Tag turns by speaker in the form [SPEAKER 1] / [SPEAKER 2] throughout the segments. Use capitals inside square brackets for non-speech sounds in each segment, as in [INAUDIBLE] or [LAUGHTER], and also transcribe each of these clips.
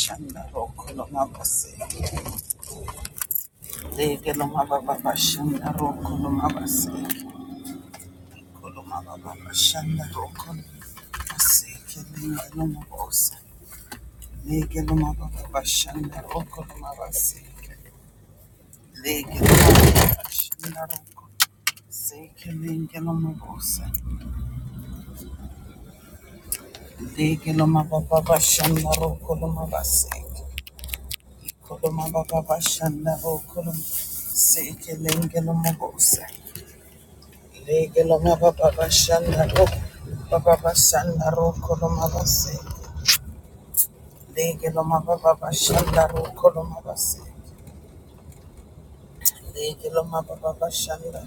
[SPEAKER 1] Shanda roko no mabase, lege no Mababa, Sekiro Bashanda Rokoloma Baseke Legeloma Baba Bashanda Rokoloma Baseke Koloma Baba Bashanda Rokoloma Baseke Legeloma Bosa Legeloma Baba Bashanda Rokoloma Baseke Legeloma Baba Bashanda Rokoloma Baseke Legeloma Bosa Mababa, Baba Bashanda Rokoloma Baseke Koloma baba bashanda bo kolom seke lenge loma bose lege loma baba bashanda bo baba bashanda ro koloma bose lege loma baba bashanda ro koloma bose lege loma baba bashanda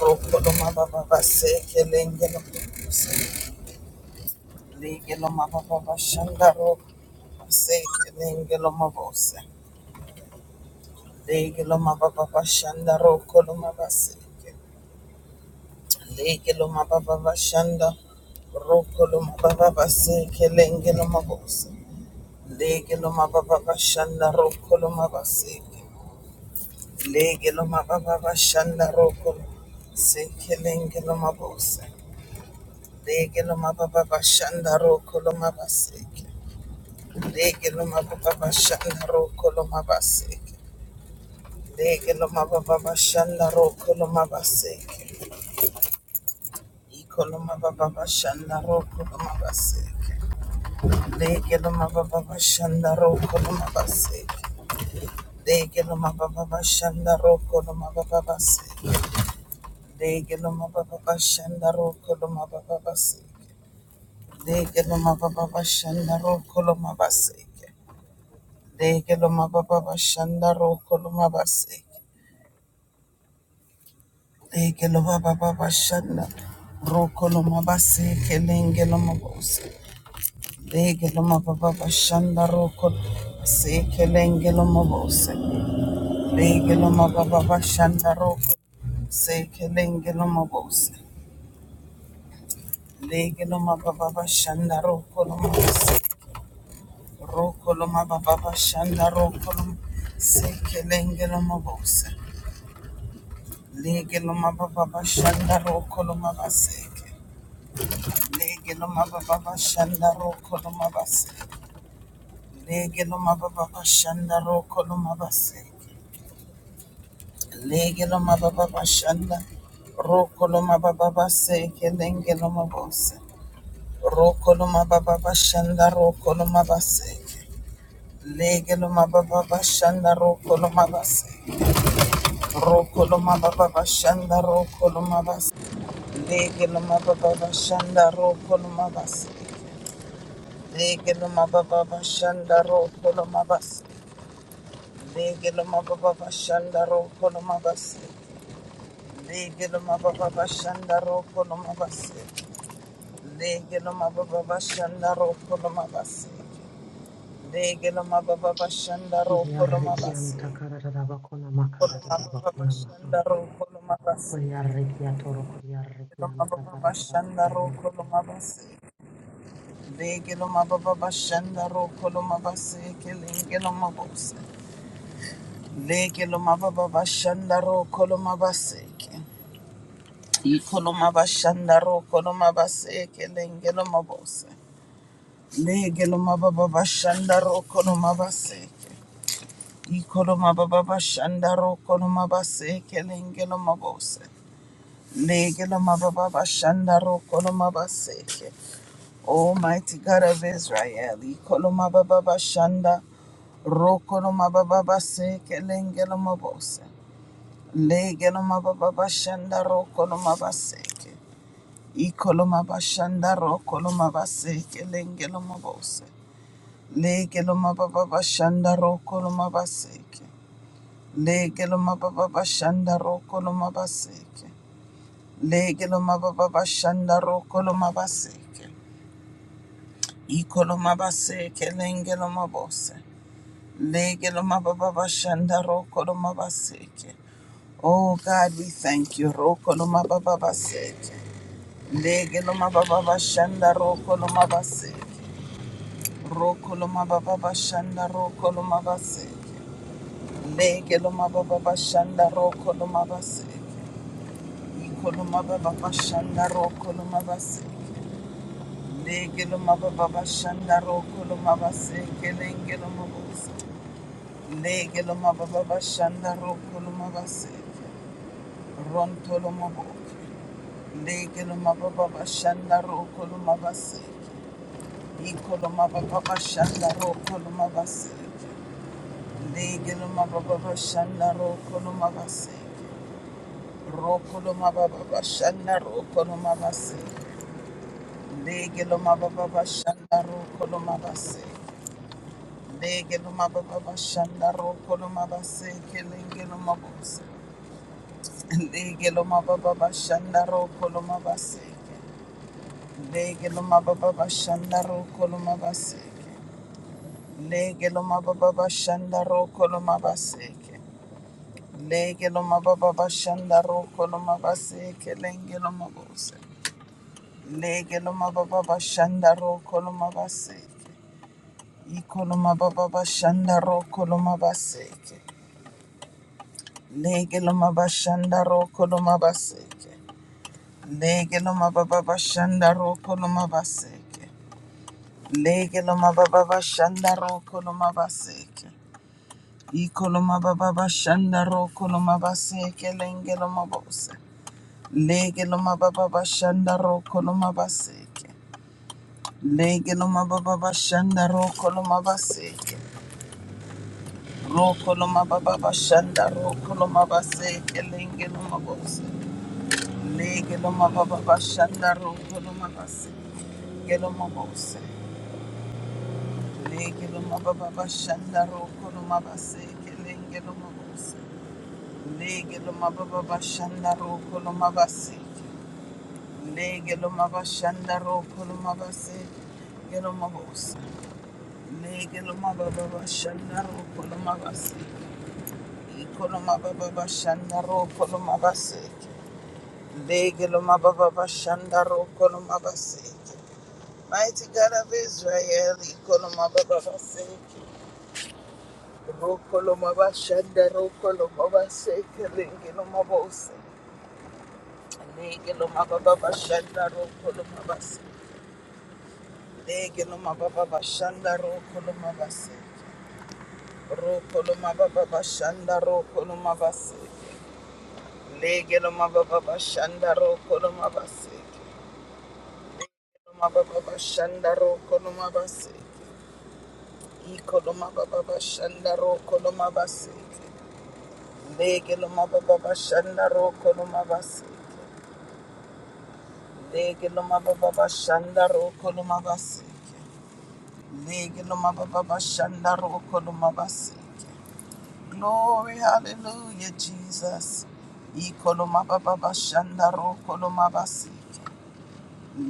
[SPEAKER 1] ro koloma baba base ke lenge loma lege loma baba bashanda ro seke lenge loma bose lege loma baba bashanda ro koloma koloma koloma seke baseke. Leke lo mababa bashanda, roko lo mababa baseke, lenge lo mabose. Leke lo mababa bashanda, roko lo mabaseke. Leke lo mababa bashanda, roko lo seke, lenge lo mabose. Leke lo mababa bashanda, roko lo mabaseke. Leke lo mababa bashanda, roko lo mabaseke. Leke lo mababa bashanda, roko lo mabaseke. Iko lo mababa bashanda, roko lo mabaseke. Deke loma baba bashanda roko loma base. Deke loma baba bashanda roko loma baba base. Deke loma baba bashanda roko loma baba base. Deke loma baba bashanda roko loma base. Deke loma baba bashanda roko loma base. Deke loma baba bashanda roko loma base. Kelenge loma bose. Deke loma baba bashanda roko loma base. Kelenge loma bose. Lege lo mababa bashanda roko seke lenge lo mabose. Lege lo mababa bashanda roko lo mabose. Roko lo mababa bashanda roko lo seke lenge lo mabose. Lege lo mababa bashanda roko lo mabase. Lege lo mababa bashanda roko lo mabase. Lege lo mababa bashanda roko lo mabase. Lege lo mababa bashanda roko lo mababa base lenge lo mabose. Rokoloma baba bashanda rokoloma base. Legeloma baba bashanda rokoloma base. Rokoloma baba bashanda rokoloma base. Legeloma baba bashanda rokoloma base. Legeloma baba bashanda rokoloma base. Legeloma baba bashanda rokoloma base. Legeloma baba bashanda rokoloma base. Legeloma baba bashanda rokoloma base. Degeloma baba bashanda ro koloma basi.
[SPEAKER 2] Kodiarrekianta karadadabakuna
[SPEAKER 1] Koloma baba
[SPEAKER 2] makaradadabakuna maha.
[SPEAKER 1] bashanda ro koloma basi.
[SPEAKER 2] Kodiarrekia toro
[SPEAKER 1] Koloma
[SPEAKER 2] kodiarrekianta
[SPEAKER 1] baba bashanda
[SPEAKER 2] karadadabakuna
[SPEAKER 1] ro
[SPEAKER 2] maha.
[SPEAKER 1] koloma basi. Degeloma baba bashanda ro koloma basi. Kelengeloma bosi. Degeloma baba bashanda ro koloma basi. Ikoloma bashanda ro koloma basi. Kelengeloma bosi. Degeloma baba bashanda ro koloma basi. Ikoloma baba shandaro koloma base kelengelo mabose. Legelo mababa shandaro koloma baseke. Almighty God of Israel, ikoloma baba shanda rokoloma baba base kelengelo mabose. Legelo mababa shanda rokoloma baseke. Ikoloma bashanda rokoloma baseke lengelo mabose. Legelo mababa shanda rokoloma baseke. Lege lo mababa bashanda roko lo mabaseke. Lege lo mababa bashanda roko lo mabaseke. Iko lo mabaseke lenge lo mabose. Lege lo mababa bashanda roko lo mabaseke. Oh God, we thank you. Roko lo mababa baseke. Lege lo mababa bashanda roko lo mabaseke. Roko lo mababa bashanda roko lo mabaseke. Lege lo mababa bashanda roko lo mabaseke. Ikoloma baba bashanda ro koloma base. Legeloma baba bashanda ro koloma base. Kelengeloma bose. Legeloma baba bashanda ro koloma base. Rontoloma bo. Legeloma baba bashanda ro koloma base. Ikoloma baba bashanda ro koloma base. Legeloma baba bashanda ro koloma base. Rokoloma baba bashanda ro koloma base. Lege lo mababa bashanda roko lo mabase. Lege lo mababa bashanda roko lo mabase kelenge lo mabose. Lege lo mababa bashanda roko lo mabase. Lege lo mababa bashanda roko lo mabase. Lege lo mababa bashanda roko lo mabase. Lege lo mababa bashanda roko lo mabase kelenge lo mabose. Lege lo mababa bashanda roko lo mabase. Ikoloma baba bashanda ro koloma baseke. Lege loma bashanda ro koloma baseke. Lege loma baba bashanda ro koloma baseke. Lege loma baba bashanda ro koloma baseke. Ikoloma baba bashanda ro koloma baseke lenge loma bose. Lege loma baba bashanda ro koloma baseke. Lege loma baba bashanda ro koloma baseke. Rokoloma baba bashanda rokoloma base elengeloma bose legeloma baba bashanda rokoloma base geloma bose legeloma baba bashanda rokoloma base elengeloma bose legeloma baba bashanda rokoloma base legeloma bashanda rokoloma base geloma bose legeloma baba bashanda rokoloma base Ikoloma baba bashanda ro koloma baseke. Lege loma baba bashanda ro koloma baseke. Mighty God of Israel, ikoloma baba baseke. Ro koloma bashanda ro koloma baseke. Lege loma bose. Lege baba bashanda ro koloma baseke. Lege loma baba bashanda ro koloma baseke. Ro koloma baba bashanda ro koloma baseke. Lege baba bashanda ro koloma baseke. Kolomababa Shandaro Kolomabase, Ecolomababa Shandaro Kolomabase, Legilomababa Shandaro Kolomabase, Legilomababa Shandaro Kolomabase, Legilomababa Shandaro Kolomabase. Glory, hallelujah, Jesus. Ecolomababa Shandaro Kolomabase,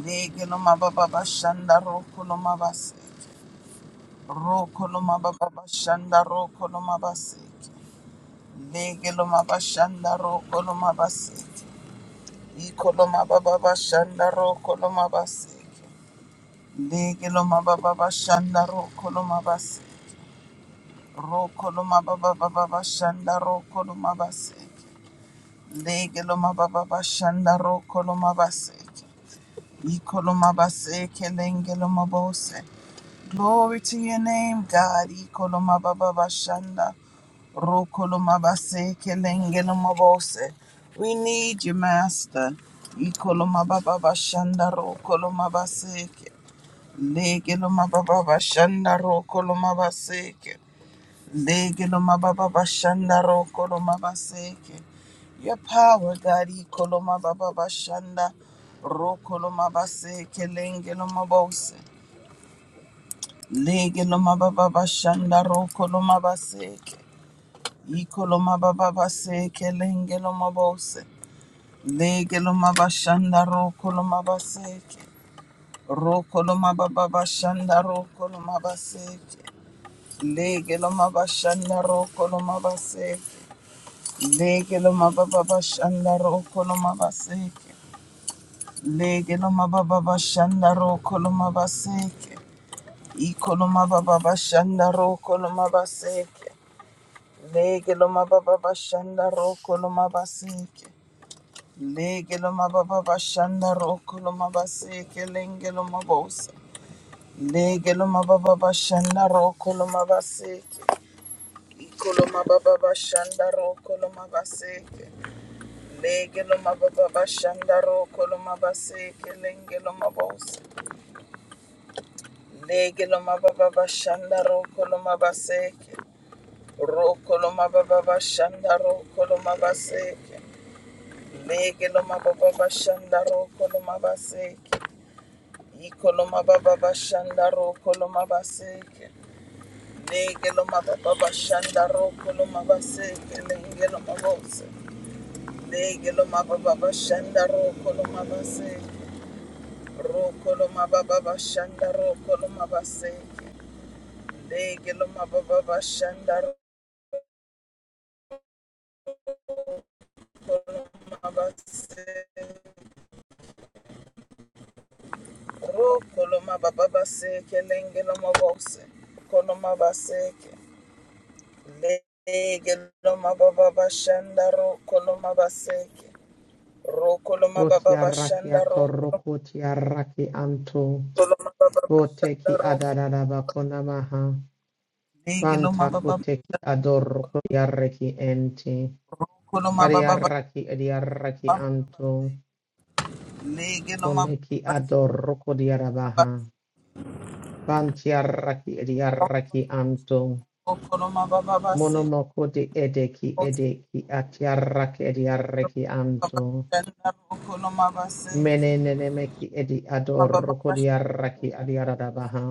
[SPEAKER 1] Legilomababa Shandaro Kolomabase. Roko loma baba bashanda roko loma baseke. Lege loma bashanda roko loma baseke. Iko loma baba bashanda roko loma baseke. Lege loma baba bashanda roko loma baseke. Roko loma baba baba bashanda roko loma baseke. Lege loma baba bashanda roko loma baseke. Ikolomabase kelengelomabose. Glory to your name, God. Ikolomababashanda. Rokolomabase kelengelomabose. We need you, Master. Ikolomababashanda rokolomabase. Legelomababashanda rokolomabase. Legelo mababa bashanda ro kolo mabaseke. Your power, God, ikolo mababa bashanda ro kolo mabaseke lengelo mabose. Legelo mababa bashanda ro kolo mabaseke. Ikolo mababa baseke lengelo mabose. Legelo mabashanda ro kolo mabaseke. Ro kolo mababa bashanda ro kolo mabaseke. Legelo mabashanda ro kolo mabaseke. Lege lo mababa bashanda roko lo mabaseke. Lege lo mababa bashanda roko lo mabaseke. Iko lo mababa bashanda roko lo mabaseke. Lege lo mababa bashanda roko lo mabaseke. Lege lo mababa bashanda roko lo mabaseke. Lenge lo mabosa. Lege lo mababa bashanda roko lo mabaseke. Iko lo mababa bashanda roko lo mabaseke. Lege lo mababa shandaro koloma base kelenge lo mabos. mababa shandaro koloma base ke. Ro koloma baba shandaro koloma base ke. Lege lo mababa shandaro koloma base ke. I koloma baba shandaro koloma base ke. Lege lo mababa shandaro koloma base kelenge lo mabos. mababa shandaro koloma base ke. Rokoloma baba bashanda rokoloma baseke. Legeloma baba bashanda rokoloma baseke. Rokoloma baba baseke lengeloma bose. Koloma baseke. Legeloma baba bashanda rokoloma baseke. Rokoloma baba bashanda
[SPEAKER 2] Votiarrakia toro
[SPEAKER 1] rokoloma
[SPEAKER 2] kotiarraki anto.
[SPEAKER 1] baba bashanda
[SPEAKER 2] Voteki
[SPEAKER 1] rokoloma.
[SPEAKER 2] adadadabakuna maha.
[SPEAKER 1] Legeloma
[SPEAKER 2] Vanta
[SPEAKER 1] baba bashanda
[SPEAKER 2] koteki adoro Kodiarriki ente.
[SPEAKER 1] rokoloma baba
[SPEAKER 2] Variarraki adiarraki
[SPEAKER 1] bashanda.
[SPEAKER 2] anto.
[SPEAKER 1] Lege no ma ba ba
[SPEAKER 2] Koneki
[SPEAKER 1] ba shi
[SPEAKER 2] adoro
[SPEAKER 1] no ma ba
[SPEAKER 2] kodiarabaha.
[SPEAKER 1] se
[SPEAKER 2] Vantiarraki adiarraki anto.
[SPEAKER 1] ko no ma ba ba ba shi no
[SPEAKER 2] Monomoko de edeki edeki atiaraki ediaraki anto.
[SPEAKER 1] ko no ma ba ba ba se ko se ko ba ba shi no ko no ma se
[SPEAKER 2] Menenemeki edi adoroko diaraki
[SPEAKER 1] no
[SPEAKER 2] adiarabaha.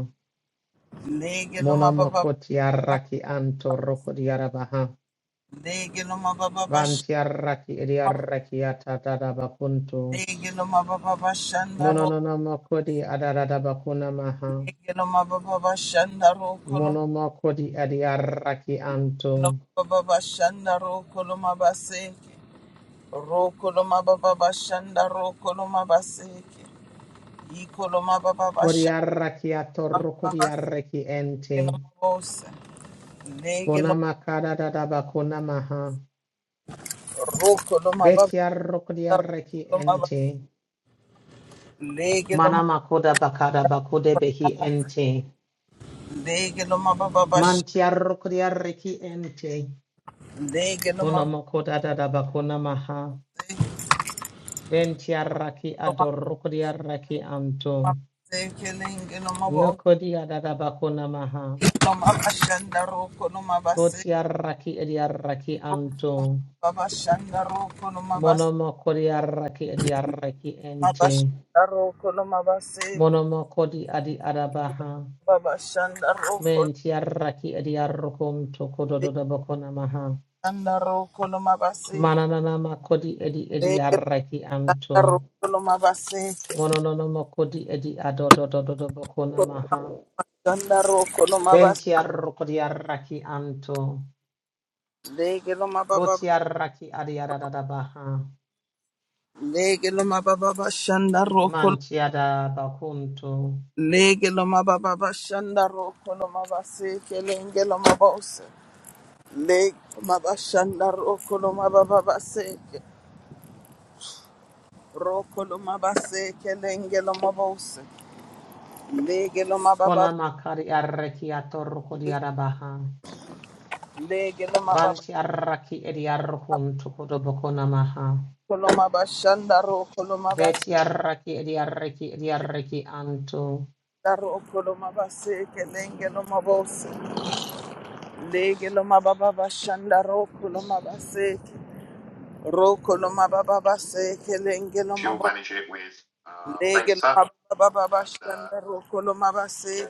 [SPEAKER 1] lege no ma ba
[SPEAKER 2] Monomoko tiaraki anto roko diarabaha.
[SPEAKER 1] lege no ma ba ba
[SPEAKER 2] Vantiaraki
[SPEAKER 1] no
[SPEAKER 2] ediaraki atadadabakunto.
[SPEAKER 1] lege no ma ba ba ba no ro
[SPEAKER 2] Mononomoko di adadabakuna maha.
[SPEAKER 1] lege no ma ba ba ba no ro ko no ma
[SPEAKER 2] Monomoko di adiaraki
[SPEAKER 1] no
[SPEAKER 2] anto.
[SPEAKER 1] ma no ro ko no se ro ko no ma ba no ro ko no se Ikoloma baba basha
[SPEAKER 2] Vodiaraki atoroko
[SPEAKER 1] mama basi
[SPEAKER 2] diaraki ente.
[SPEAKER 1] koloma bose lege loma
[SPEAKER 2] Konamakadadabakuna maha.
[SPEAKER 1] roko loma baba
[SPEAKER 2] Betia rokodia reki
[SPEAKER 1] roko loma
[SPEAKER 2] ente.
[SPEAKER 1] basi lege loma
[SPEAKER 2] mana makoda bakada bakode behi ente.
[SPEAKER 1] lege loma baba basha
[SPEAKER 2] Mantia rokodia reki ente.
[SPEAKER 1] lege loma
[SPEAKER 2] Konamakoda dada bakona maha.
[SPEAKER 1] bose
[SPEAKER 2] Ventiaraki reki anto.
[SPEAKER 1] loma base kelenge loma bose
[SPEAKER 2] Nokodia dada bakona maha.
[SPEAKER 1] loma basha nda roko loma base
[SPEAKER 2] Botiaraki ediareki
[SPEAKER 1] loma
[SPEAKER 2] anto.
[SPEAKER 1] baba basha nda roko loma base
[SPEAKER 2] Monomokodiareki ediareki
[SPEAKER 1] loma basha
[SPEAKER 2] ente.
[SPEAKER 1] nda roko loma base loma
[SPEAKER 2] Monomokodi adi adabaha.
[SPEAKER 1] baba basha nda
[SPEAKER 2] Mentiaraki ediarokonto kododo bakona maha.
[SPEAKER 1] roko loma base
[SPEAKER 2] Mananana makodi edi edi arraki anto.
[SPEAKER 1] Dandaroko no mabaseke.
[SPEAKER 2] Mononono makodi edi adododododo bokona maha.
[SPEAKER 1] Dandaroko no mabas.
[SPEAKER 2] Benti arrokodi arraki anto.
[SPEAKER 1] Lege no mababa.
[SPEAKER 2] Boti arraki adi adadada baha.
[SPEAKER 1] Lege no mababa. Shandaroko.
[SPEAKER 2] Manti bakunto.
[SPEAKER 1] Lege no mababa. Shandaroko no mabaseke. Lenge no mabose. Lege mabashandaroko no mababa seke. Roko no mabaseke. Lenge no mabose. Lege no
[SPEAKER 2] Kona
[SPEAKER 1] mababa.
[SPEAKER 2] makari arraki atorrokodi adabaha.
[SPEAKER 1] Lege no mababa.
[SPEAKER 2] Banti arraki edi arrokunto kodo bokona maha.
[SPEAKER 1] Kolo mabashandaroko
[SPEAKER 2] Beti arraki edi arraki edi arraki anto.
[SPEAKER 1] no mabaseke. Lenge no mabose. Lege loma baba bashanda roko loma base roko loma baba base kelenge loma
[SPEAKER 2] She'll
[SPEAKER 1] bo
[SPEAKER 2] manage it with uh,
[SPEAKER 1] lege
[SPEAKER 2] Venkat,
[SPEAKER 1] loma baba baba
[SPEAKER 2] and uh,
[SPEAKER 1] bashanda roko loma base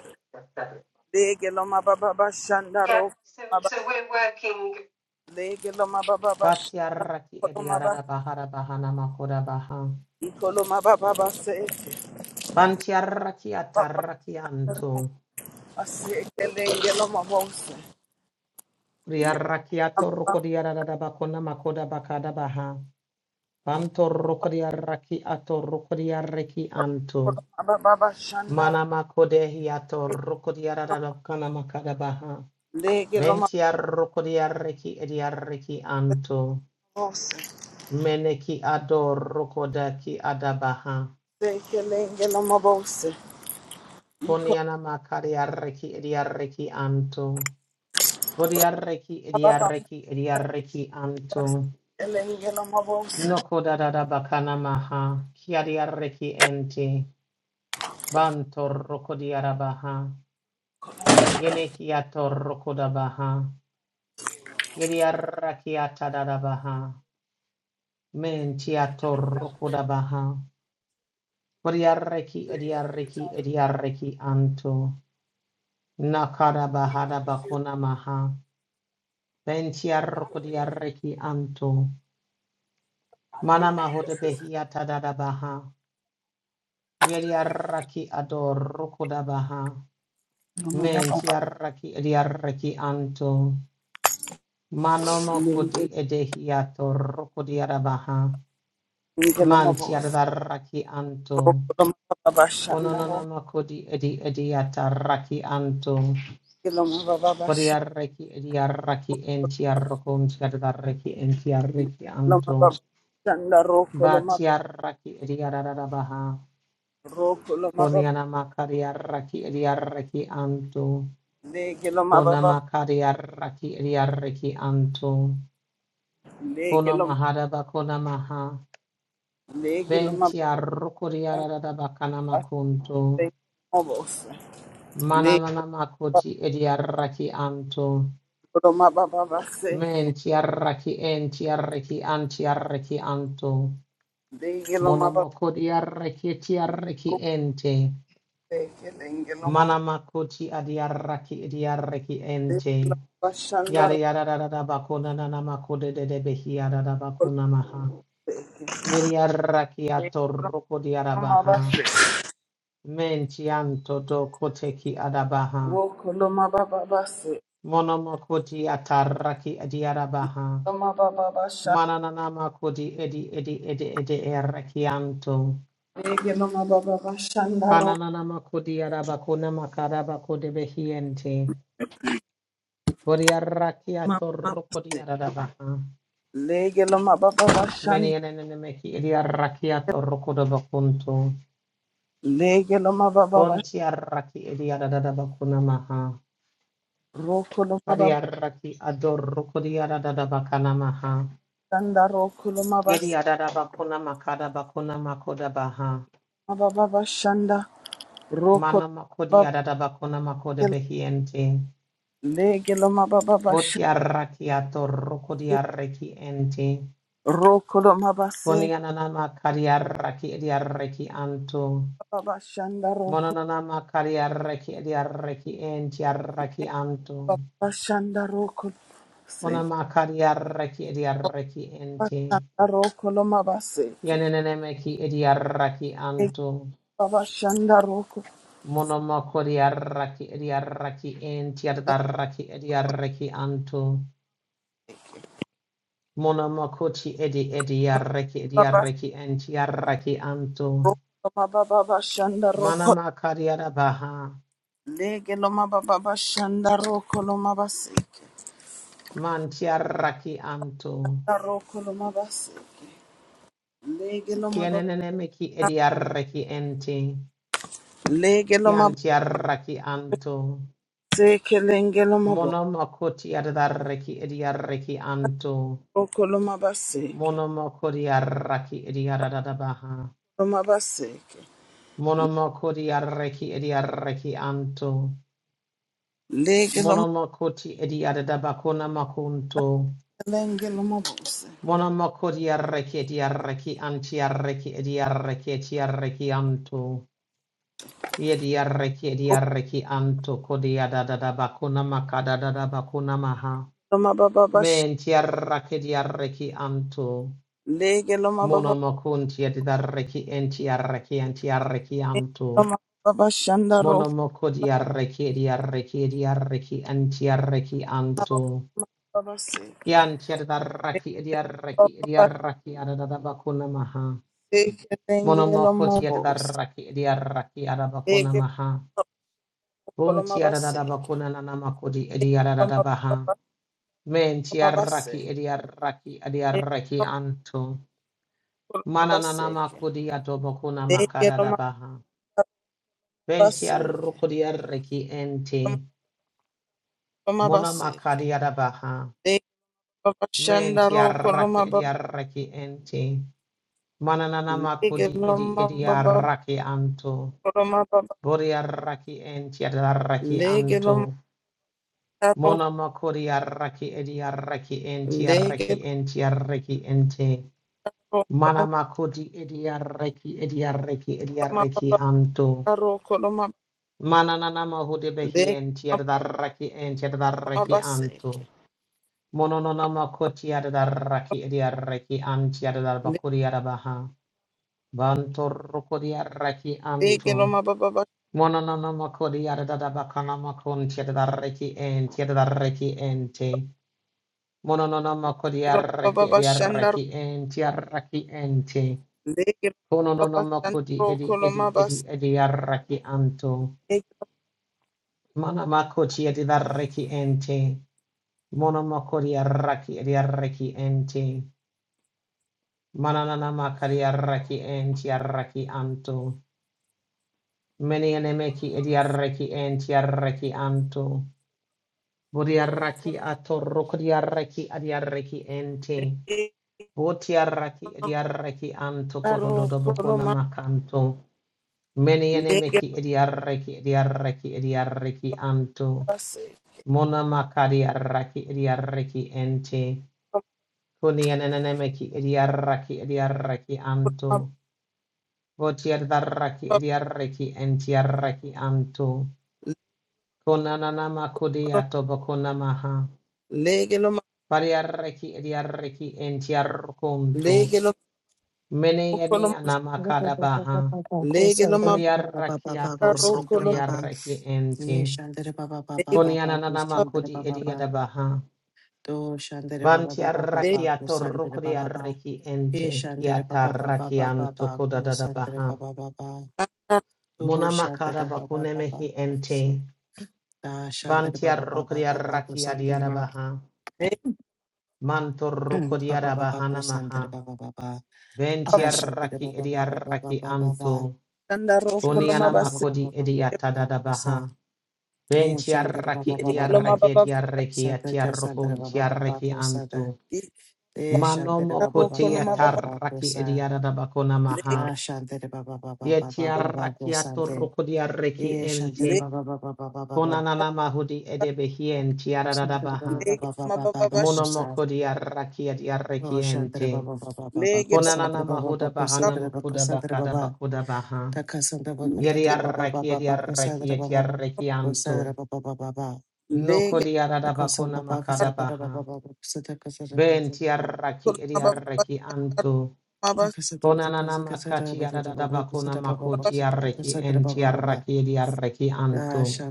[SPEAKER 1] lege loma baba bashanda
[SPEAKER 2] Yeah,
[SPEAKER 1] roko
[SPEAKER 2] so
[SPEAKER 1] loma base
[SPEAKER 2] so we're working
[SPEAKER 1] lege loma baba bashanda
[SPEAKER 2] Batiaraki
[SPEAKER 1] roko loma
[SPEAKER 2] ediarada
[SPEAKER 1] base
[SPEAKER 2] bahara bahana makoda baha.
[SPEAKER 1] iko loma baba base
[SPEAKER 2] Bantiaraki ataraki anto.
[SPEAKER 1] ase kelenge loma bo se lege
[SPEAKER 2] Riaraki atoroko diarada bakona makoda bakada baha. Bantoroko diaraki atoroko diaraki anto.
[SPEAKER 1] loma baba bashanda roko lo
[SPEAKER 2] Mana
[SPEAKER 1] mabaseke.
[SPEAKER 2] makode hiatoroko diarada bakana makada baha.
[SPEAKER 1] lege loma
[SPEAKER 2] Ventiaroko diaraki ediaraki anto.
[SPEAKER 1] bo se
[SPEAKER 2] Meneki adoroko daki adabaha.
[SPEAKER 1] lege loma baba base iko
[SPEAKER 2] Koniana makari arreki edi arreki anto. Bodi arreki edi arreki edi arreki anto.
[SPEAKER 1] Elengelamobosa,
[SPEAKER 2] Noko da da da bakana maha. Kiari arreki enti. Banto roko di arabaha. Yene kiato roko da baha. Yedi arraki ata da baha. Menti ato roko da baha. Bodi arreki edi arreki edi arreki anto. Nakara baha da bakuna maha. Benti arroko di arreki anto. Mana mahoda behiata da da baha. Yeriaraki ador rokoda baha. Men
[SPEAKER 1] Lomadababasha,
[SPEAKER 2] tiaraki ediaraki anto. Manomo kodi edehiato rokodiara baha. Man
[SPEAKER 1] Elengelamobosa,
[SPEAKER 2] tiaraki anto.
[SPEAKER 1] Rokolomababashanda,
[SPEAKER 2] Onononoma kodi edi ediata raki anto.
[SPEAKER 1] Rokolomababasha,
[SPEAKER 2] Kodiaraki ediaraki entiarrokum tiaraki entiaraki anto.
[SPEAKER 1] Lomababashanda,
[SPEAKER 2] Ba
[SPEAKER 1] Rokoloma-
[SPEAKER 2] tiaraki ediara baha.
[SPEAKER 1] Rokolomababa-
[SPEAKER 2] Koniana makari arraki edi arraki anto. Kona
[SPEAKER 1] Legelomababa-
[SPEAKER 2] makari arraki edi arraki anto. Kona
[SPEAKER 1] Legelom-
[SPEAKER 2] mahara bakona maha. Venti
[SPEAKER 1] Legelomabababasha,
[SPEAKER 2] arrukuri arada bakana makunto.
[SPEAKER 1] Legelomobosa,
[SPEAKER 2] Mananana makuti edi arraki anto.
[SPEAKER 1] Legelomabababase,
[SPEAKER 2] Menti arraki enti arraki anti arraki anto. Monomokodi arraki eti arraki
[SPEAKER 1] Legelomabababase,
[SPEAKER 2] ente.
[SPEAKER 1] Legelomob-
[SPEAKER 2] Manamakuti adi arraki edi arraki ente.
[SPEAKER 1] Legelomabashanda,
[SPEAKER 2] Yada yada da da da bakuna na na makude de de behi yada da bakuna maha. Yeri arrakiato roko di
[SPEAKER 1] Rokolomababa-
[SPEAKER 2] arabaha. Mentianto do koteki adabaha.
[SPEAKER 1] Rokoloma baba basi,
[SPEAKER 2] Monomokoti atarraki adi arabaha.
[SPEAKER 1] loma baba basha,
[SPEAKER 2] Mananana makodi edi edi edi edi errakianto.
[SPEAKER 1] lege loma baba bashanda rokoloma
[SPEAKER 2] Kananana makodi arabakuna makarabakode behiente. Bori arrakiato
[SPEAKER 1] baba
[SPEAKER 2] roko di
[SPEAKER 1] basi,
[SPEAKER 2] arabaha.
[SPEAKER 1] lege loma baba
[SPEAKER 2] Meni
[SPEAKER 1] bashanda,
[SPEAKER 2] enene meki edi arrakiato roko do bakunto.
[SPEAKER 1] lege loma baba bash,
[SPEAKER 2] Ponti arraki edi adada bakuna maha.
[SPEAKER 1] rokoloma
[SPEAKER 2] Padi
[SPEAKER 1] baba
[SPEAKER 2] arraki ador kodi adada bakana maha.
[SPEAKER 1] bashanda, rokoloma
[SPEAKER 2] Yedi
[SPEAKER 1] basi,
[SPEAKER 2] adada bakuna makada bakuna makoda baha.
[SPEAKER 1] loma baba bashanda, rokoloma
[SPEAKER 2] Mana makodi
[SPEAKER 1] baba
[SPEAKER 2] adada bakuna makoda
[SPEAKER 1] basi,
[SPEAKER 2] behiente.
[SPEAKER 1] lege loma baba
[SPEAKER 2] Voti
[SPEAKER 1] bashanda,
[SPEAKER 2] arraki ator kodi arraki ente.
[SPEAKER 1] rokoloma
[SPEAKER 2] Koni
[SPEAKER 1] basi,
[SPEAKER 2] anana makari arraki edi arraki anto.
[SPEAKER 1] baba bashanda, rokoloma
[SPEAKER 2] Mononana makari arraki edi arraki enti arraki anto.
[SPEAKER 1] baba bashanda, rokoloma basi,
[SPEAKER 2] Ona makari arraki edi arraki ente.
[SPEAKER 1] bashanda rokoloma basi,
[SPEAKER 2] Yaneneneme ki idiarraki
[SPEAKER 1] lege
[SPEAKER 2] anto.
[SPEAKER 1] baba shanda
[SPEAKER 2] Monomoko diarraki idiarraki enti adarraki idiarraki anto. Monomoko ti edi idiarraki
[SPEAKER 1] Baba
[SPEAKER 2] idiarraki enti arraki anto.
[SPEAKER 1] Roma Baba Bashanda Roko
[SPEAKER 2] Manamaka diarabaha.
[SPEAKER 1] Lege Loma Baba Bashanda Roko Loma Baseke
[SPEAKER 2] Mantiarraki anto.
[SPEAKER 1] Roko Loma Baseke Lege Loma Baba
[SPEAKER 2] Yaneneneme ki idiarraki enti.
[SPEAKER 1] Lege Loma
[SPEAKER 2] Yantiarraki anto.
[SPEAKER 1] Baseke Lenge Loma Baba
[SPEAKER 2] Monomoko ti adarraki idiarraki anto.
[SPEAKER 1] Roko Loma Baseke
[SPEAKER 2] Monomokori arraki ediaradabaha.
[SPEAKER 1] Loma Baseke
[SPEAKER 2] Monomokori arreki ediarreki anto.
[SPEAKER 1] Lege Loma
[SPEAKER 2] Monomokoti ediaradabakona makunto.
[SPEAKER 1] Lenge Loma Bose
[SPEAKER 2] Monomokori arreki ediarreki anti arreki ediarreki etiarreki anto. Yediarreki ediarreki anto kodiadadabakona makadadabakona maha.
[SPEAKER 1] Loma Baba Bash
[SPEAKER 2] Menti arraki ediarreki anto.
[SPEAKER 1] Lege Loma Baba
[SPEAKER 2] Monomokunti ediarreki entiarreki antiarreki anto.
[SPEAKER 1] Loma Baba Shanda Roko
[SPEAKER 2] Monomoko di arreki di arreki di arreki anti arreki anto.
[SPEAKER 1] Baba Seke
[SPEAKER 2] Kian ti adarraki di arreki di
[SPEAKER 1] Baba
[SPEAKER 2] arraki adada bakuna maha.
[SPEAKER 1] Seke Lenge
[SPEAKER 2] Monomoko
[SPEAKER 1] Loma
[SPEAKER 2] ti
[SPEAKER 1] Bose
[SPEAKER 2] adarraki di arraki adabakuna
[SPEAKER 1] Lege
[SPEAKER 2] maha.
[SPEAKER 1] Roko Loma
[SPEAKER 2] Bunti adada
[SPEAKER 1] Baseke
[SPEAKER 2] bakuna nanamako di di adada baha. Men
[SPEAKER 1] Mabaseke,
[SPEAKER 2] di arraki di arreki anto.
[SPEAKER 1] Negro
[SPEAKER 2] Mana
[SPEAKER 1] Mabaseke,
[SPEAKER 2] nanamako di adobakuna
[SPEAKER 1] Negro
[SPEAKER 2] makadada baha. Benti
[SPEAKER 1] Mabaseke,
[SPEAKER 2] arruko di arreki ente.
[SPEAKER 1] Negro Mabaseke,
[SPEAKER 2] Monamakadi adabaha.
[SPEAKER 1] Negro Bashanda
[SPEAKER 2] Menti
[SPEAKER 1] Roko
[SPEAKER 2] arraki
[SPEAKER 1] Lomaba,
[SPEAKER 2] edi arraki enti. Manananama kudi
[SPEAKER 1] Negro
[SPEAKER 2] edi edi
[SPEAKER 1] Mababa,
[SPEAKER 2] arraki anto.
[SPEAKER 1] Lomaba,
[SPEAKER 2] Bori arraki enti ad arraki
[SPEAKER 1] Negro
[SPEAKER 2] anto.
[SPEAKER 1] Mabaro,
[SPEAKER 2] Monama kuri arraki edi arraki enti arraki
[SPEAKER 1] Negro
[SPEAKER 2] enti arraki enti. Manama kudi edi arraki edi arraki edi arraki
[SPEAKER 1] Mababa,
[SPEAKER 2] anto.
[SPEAKER 1] Roko Lomaba,
[SPEAKER 2] Manananama hude behi enti
[SPEAKER 1] Negro
[SPEAKER 2] ad arraki enti ad arraki anto.
[SPEAKER 1] Mabaseke,
[SPEAKER 2] Monononama koti ad arraki edi arraki anti ad arbakuri arabaha. Vantor kodia reki
[SPEAKER 1] Negro
[SPEAKER 2] anto.
[SPEAKER 1] Mababa,
[SPEAKER 2] Mononona makodia da bakana makon tiada da reki en tiada da reki ente. Mononona makodia
[SPEAKER 1] Negro Mababa
[SPEAKER 2] reki edia
[SPEAKER 1] Bashanda,
[SPEAKER 2] reki en tiada reki ente.
[SPEAKER 1] Negro Mababa
[SPEAKER 2] Mononona
[SPEAKER 1] Shanda
[SPEAKER 2] makodi
[SPEAKER 1] Roko
[SPEAKER 2] edi edi
[SPEAKER 1] Lomaba,
[SPEAKER 2] edi edia reki anto.
[SPEAKER 1] Negro
[SPEAKER 2] Mana makoti edi da reki ente. Mono makodia reki edia reki ente. Mananana makadia reki en tiada anto. Many enemeki ediarreki entiarreki anto. Bodiarraki atorrokodiarreki adiarreki ente. Botiarraki ediarreki anto
[SPEAKER 1] Roko Lomaba,
[SPEAKER 2] kodododobokona
[SPEAKER 1] Negro
[SPEAKER 2] makanto. Many enemeki ediarreki ediarreki ediarreki anto. Mona makadiarraki ediarreki ente. Kunianenemeki ediarraki ediarreki anto.
[SPEAKER 1] Legelo
[SPEAKER 2] Botiarraki ediarreki entiarreki anto. Konanama kudiato bokonamaha.
[SPEAKER 1] ma
[SPEAKER 2] Variareki ediareki entiarkuntu. Mene yeni
[SPEAKER 3] Baba
[SPEAKER 2] anamakada
[SPEAKER 3] baba baba
[SPEAKER 2] baha.
[SPEAKER 3] baba baba baba baba.
[SPEAKER 1] Legelo ma
[SPEAKER 3] baba baba
[SPEAKER 2] Kudiarakiato rukodiareki enti. Konyananama kudi ediadabaha. Vantiarakiato rukodiareki enti. Kiatarakianto kodadadabaha.
[SPEAKER 3] baba.
[SPEAKER 2] Monamakada bakunemehi enti.
[SPEAKER 3] baba
[SPEAKER 2] Vantiarukodiaraki adiadabaha. Manto roko diara bahana maha. Ventiaraki ediaraki anto. Konianama kodi ediata
[SPEAKER 3] baba
[SPEAKER 2] dadabaha.
[SPEAKER 3] Nin Shantara Baba
[SPEAKER 2] Ventiaraki
[SPEAKER 3] Baba Baba Baba
[SPEAKER 2] ediaraki ediaraki
[SPEAKER 3] Sada
[SPEAKER 2] atiarokun
[SPEAKER 3] Kasantara Baba Baba
[SPEAKER 2] tiaraki anto.
[SPEAKER 3] Sada De Shantara
[SPEAKER 2] Manomo
[SPEAKER 3] Baba
[SPEAKER 2] koti
[SPEAKER 3] Baba Baba Baba
[SPEAKER 2] ataraki
[SPEAKER 3] Sa
[SPEAKER 2] ediadabakona maha.
[SPEAKER 3] Ah Shantara Baba Baba Baba Baba
[SPEAKER 2] Yetiaraki
[SPEAKER 3] Sante
[SPEAKER 2] atoroko diaraki
[SPEAKER 3] E
[SPEAKER 2] ente.
[SPEAKER 3] Shantara Baba Baba Baba Baba
[SPEAKER 2] Konananama hudi edebehien
[SPEAKER 3] Shantara
[SPEAKER 2] tiaradabaha.
[SPEAKER 3] Baba Baba Baba Baba Sa
[SPEAKER 2] Monomoko diaraki
[SPEAKER 3] Oh
[SPEAKER 2] ediaraki
[SPEAKER 3] Shantara
[SPEAKER 2] ente.
[SPEAKER 3] Baba Baba Baba
[SPEAKER 2] konanana
[SPEAKER 3] Santara Baba
[SPEAKER 2] mahuda
[SPEAKER 3] Baba
[SPEAKER 2] bahana
[SPEAKER 3] Santara Baba
[SPEAKER 2] makuda
[SPEAKER 3] Santara
[SPEAKER 2] bakada
[SPEAKER 3] Baba
[SPEAKER 2] bakuda baha.
[SPEAKER 3] Takasantara Baba Tata Baba
[SPEAKER 2] Yeriaraki
[SPEAKER 3] Baba Baba
[SPEAKER 2] yeriaraki
[SPEAKER 3] Sadara Baba Baba
[SPEAKER 2] yetiaraki
[SPEAKER 3] Sadara
[SPEAKER 2] anto.
[SPEAKER 3] Baba Baba Baba
[SPEAKER 2] Noko
[SPEAKER 3] Takasantara
[SPEAKER 2] diaradabakona
[SPEAKER 3] Baba Sandra
[SPEAKER 2] makadabaha.
[SPEAKER 3] Baba Sadara Baba
[SPEAKER 2] Ben
[SPEAKER 3] Baba
[SPEAKER 2] tiaraki yeriaraki anto.
[SPEAKER 3] Santa
[SPEAKER 2] Konanana makati yaradabakona makoti yarreki en tiaraki yeriaraki anto.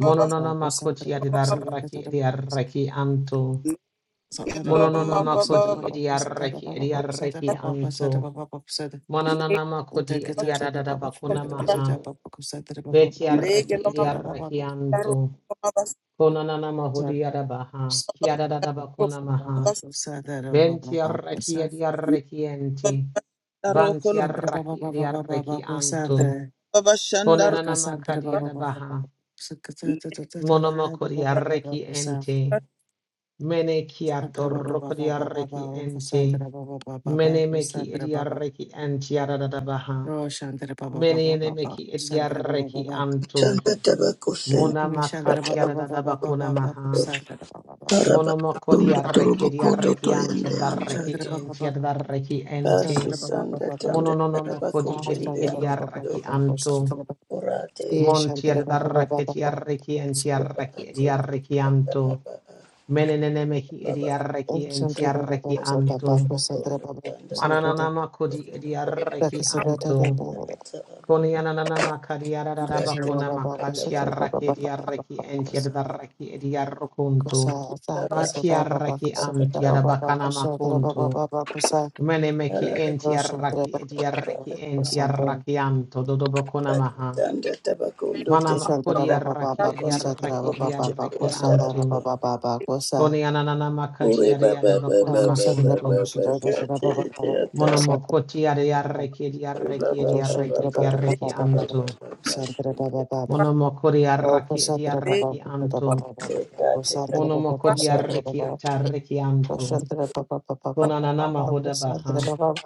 [SPEAKER 2] Mononona makoti yeriaraki yeriaraki anto. Mononona makoti yeriaraki yeriaraki anto. Monanana makoti yeriaradabakona maha. Betiaraki yeriaraki anto. Konanana mahudi adabaha, kiadadadaba konamaha, venti arraki adiarreki enti, vanti
[SPEAKER 1] Darokolo
[SPEAKER 2] arraki adiarreki antu,
[SPEAKER 1] Baba Shandar
[SPEAKER 2] konanana
[SPEAKER 3] Sandra
[SPEAKER 2] makadi
[SPEAKER 3] Baba Baba Baba.
[SPEAKER 2] adabaha,
[SPEAKER 3] Sandra
[SPEAKER 1] Lika
[SPEAKER 3] Baba
[SPEAKER 2] monomoko
[SPEAKER 3] Baba Baba Baba.
[SPEAKER 2] diarreki
[SPEAKER 3] Sandra
[SPEAKER 2] enti, mene
[SPEAKER 3] Baba
[SPEAKER 2] kiatorroko diarreki enti,
[SPEAKER 3] Baba
[SPEAKER 2] mene
[SPEAKER 3] Baba.
[SPEAKER 2] meki
[SPEAKER 3] Sandra Baba.
[SPEAKER 2] adiarreki enti adadabaha,
[SPEAKER 3] Oh, Sandra Baba
[SPEAKER 2] mene
[SPEAKER 3] Baba
[SPEAKER 2] ene
[SPEAKER 3] Baba.
[SPEAKER 2] meki
[SPEAKER 3] Sandra Baba
[SPEAKER 2] adiarreki
[SPEAKER 3] Baba.
[SPEAKER 2] antu,
[SPEAKER 4] Tanga tabako senda
[SPEAKER 3] Sandra
[SPEAKER 2] monamakati
[SPEAKER 4] tabo.
[SPEAKER 3] Baba Baba
[SPEAKER 2] adadadaba
[SPEAKER 3] Baba Baba.
[SPEAKER 2] konamaha,
[SPEAKER 3] Sandra Baba Baba.
[SPEAKER 4] Araba
[SPEAKER 2] Monomokodi
[SPEAKER 4] tundo
[SPEAKER 2] arreki
[SPEAKER 4] turubo
[SPEAKER 2] di
[SPEAKER 4] kodo to
[SPEAKER 2] arreki anti
[SPEAKER 4] yende anda
[SPEAKER 2] adarreki
[SPEAKER 3] Sandra
[SPEAKER 4] to.
[SPEAKER 3] Baba
[SPEAKER 2] enti
[SPEAKER 3] Baba.
[SPEAKER 2] adarreki enti.
[SPEAKER 4] Basi
[SPEAKER 3] Sandra Baba
[SPEAKER 4] sanda
[SPEAKER 3] Baba Baba.
[SPEAKER 4] tanda araba
[SPEAKER 2] Mononomokodi
[SPEAKER 3] Oh,
[SPEAKER 2] edi
[SPEAKER 4] kushende
[SPEAKER 3] Sandra
[SPEAKER 2] edi
[SPEAKER 3] Baba
[SPEAKER 4] anda
[SPEAKER 3] Baba
[SPEAKER 2] arreki
[SPEAKER 4] to.
[SPEAKER 3] Baba.
[SPEAKER 2] anto.
[SPEAKER 3] Sandra Baba.
[SPEAKER 4] Orate.
[SPEAKER 3] Te
[SPEAKER 2] Monti
[SPEAKER 3] Sandra Baba Baba
[SPEAKER 2] adarreki
[SPEAKER 3] Baba.
[SPEAKER 2] arreki enti arreki edi
[SPEAKER 4] urate
[SPEAKER 2] arreki anto.
[SPEAKER 4] araba
[SPEAKER 2] Menenenemehi edi
[SPEAKER 4] araba
[SPEAKER 2] arreki
[SPEAKER 3] Om
[SPEAKER 2] enti
[SPEAKER 3] Shantra Baba Baba
[SPEAKER 2] arreki
[SPEAKER 3] Baba
[SPEAKER 2] anto.
[SPEAKER 4] kushende bakondo
[SPEAKER 3] Baba
[SPEAKER 4] tanda
[SPEAKER 3] Shantra Baba
[SPEAKER 2] Manananamakodi edi
[SPEAKER 4] turubo kodo to
[SPEAKER 2] arreki
[SPEAKER 4] tanda
[SPEAKER 2] anto.
[SPEAKER 4] ata aba.
[SPEAKER 2] Konianana makadiara da
[SPEAKER 4] Date
[SPEAKER 2] bakuna makanti
[SPEAKER 4] ataba
[SPEAKER 2] arraki
[SPEAKER 4] kushende
[SPEAKER 2] diarraki enti adarraki ediarrokunto.
[SPEAKER 4] ara
[SPEAKER 2] Vati arraki
[SPEAKER 4] ata
[SPEAKER 2] anti
[SPEAKER 4] aba
[SPEAKER 2] adabakana makunto. Mene meki
[SPEAKER 4] ara
[SPEAKER 2] enti arraki
[SPEAKER 4] ataba
[SPEAKER 2] ediarraki enti
[SPEAKER 4] ato.
[SPEAKER 3] Santre
[SPEAKER 2] arraki anto dodo bakuna
[SPEAKER 4] Date
[SPEAKER 2] maha.
[SPEAKER 4] tanda tabakondo
[SPEAKER 2] Mana
[SPEAKER 4] tende
[SPEAKER 2] makuri arraki
[SPEAKER 1] Sharpe
[SPEAKER 4] bakondo turubo
[SPEAKER 2] ediarraki
[SPEAKER 4] kushende
[SPEAKER 2] ediarraki
[SPEAKER 4] anda
[SPEAKER 2] anto.
[SPEAKER 4] ato.
[SPEAKER 2] Konianana
[SPEAKER 4] Ore
[SPEAKER 2] makati
[SPEAKER 4] ba ba
[SPEAKER 2] ariada
[SPEAKER 4] ba
[SPEAKER 2] bakuna
[SPEAKER 4] ba ba ba ba
[SPEAKER 2] makunto.
[SPEAKER 4] ba ka te te ata ba
[SPEAKER 2] Monomokoti ariarraki
[SPEAKER 4] ore ba
[SPEAKER 2] ediarraki
[SPEAKER 4] ba ba ba
[SPEAKER 2] ediarraki
[SPEAKER 4] ba ba ba ba
[SPEAKER 1] Lika
[SPEAKER 2] ediarraki
[SPEAKER 4] ba
[SPEAKER 2] anto.
[SPEAKER 4] ba ba
[SPEAKER 2] Monomokori
[SPEAKER 3] Oh,
[SPEAKER 2] arraki
[SPEAKER 3] Shandra,
[SPEAKER 2] eti
[SPEAKER 3] ba ba
[SPEAKER 2] arraki
[SPEAKER 3] ba ba ba
[SPEAKER 2] anto.
[SPEAKER 3] ba
[SPEAKER 4] te
[SPEAKER 3] ba.
[SPEAKER 4] ka
[SPEAKER 3] Oh,
[SPEAKER 4] te ka
[SPEAKER 3] Shandra, ba ba ba
[SPEAKER 2] Monomokori
[SPEAKER 3] ba ba ba
[SPEAKER 2] arraki
[SPEAKER 3] ba.
[SPEAKER 2] atarraki
[SPEAKER 3] Oh,
[SPEAKER 2] anto.
[SPEAKER 3] Shandra, ba ba ba ba ba ba
[SPEAKER 2] Konananama
[SPEAKER 3] ba. Oh,
[SPEAKER 2] hodabaha.
[SPEAKER 3] Shandra, ba ba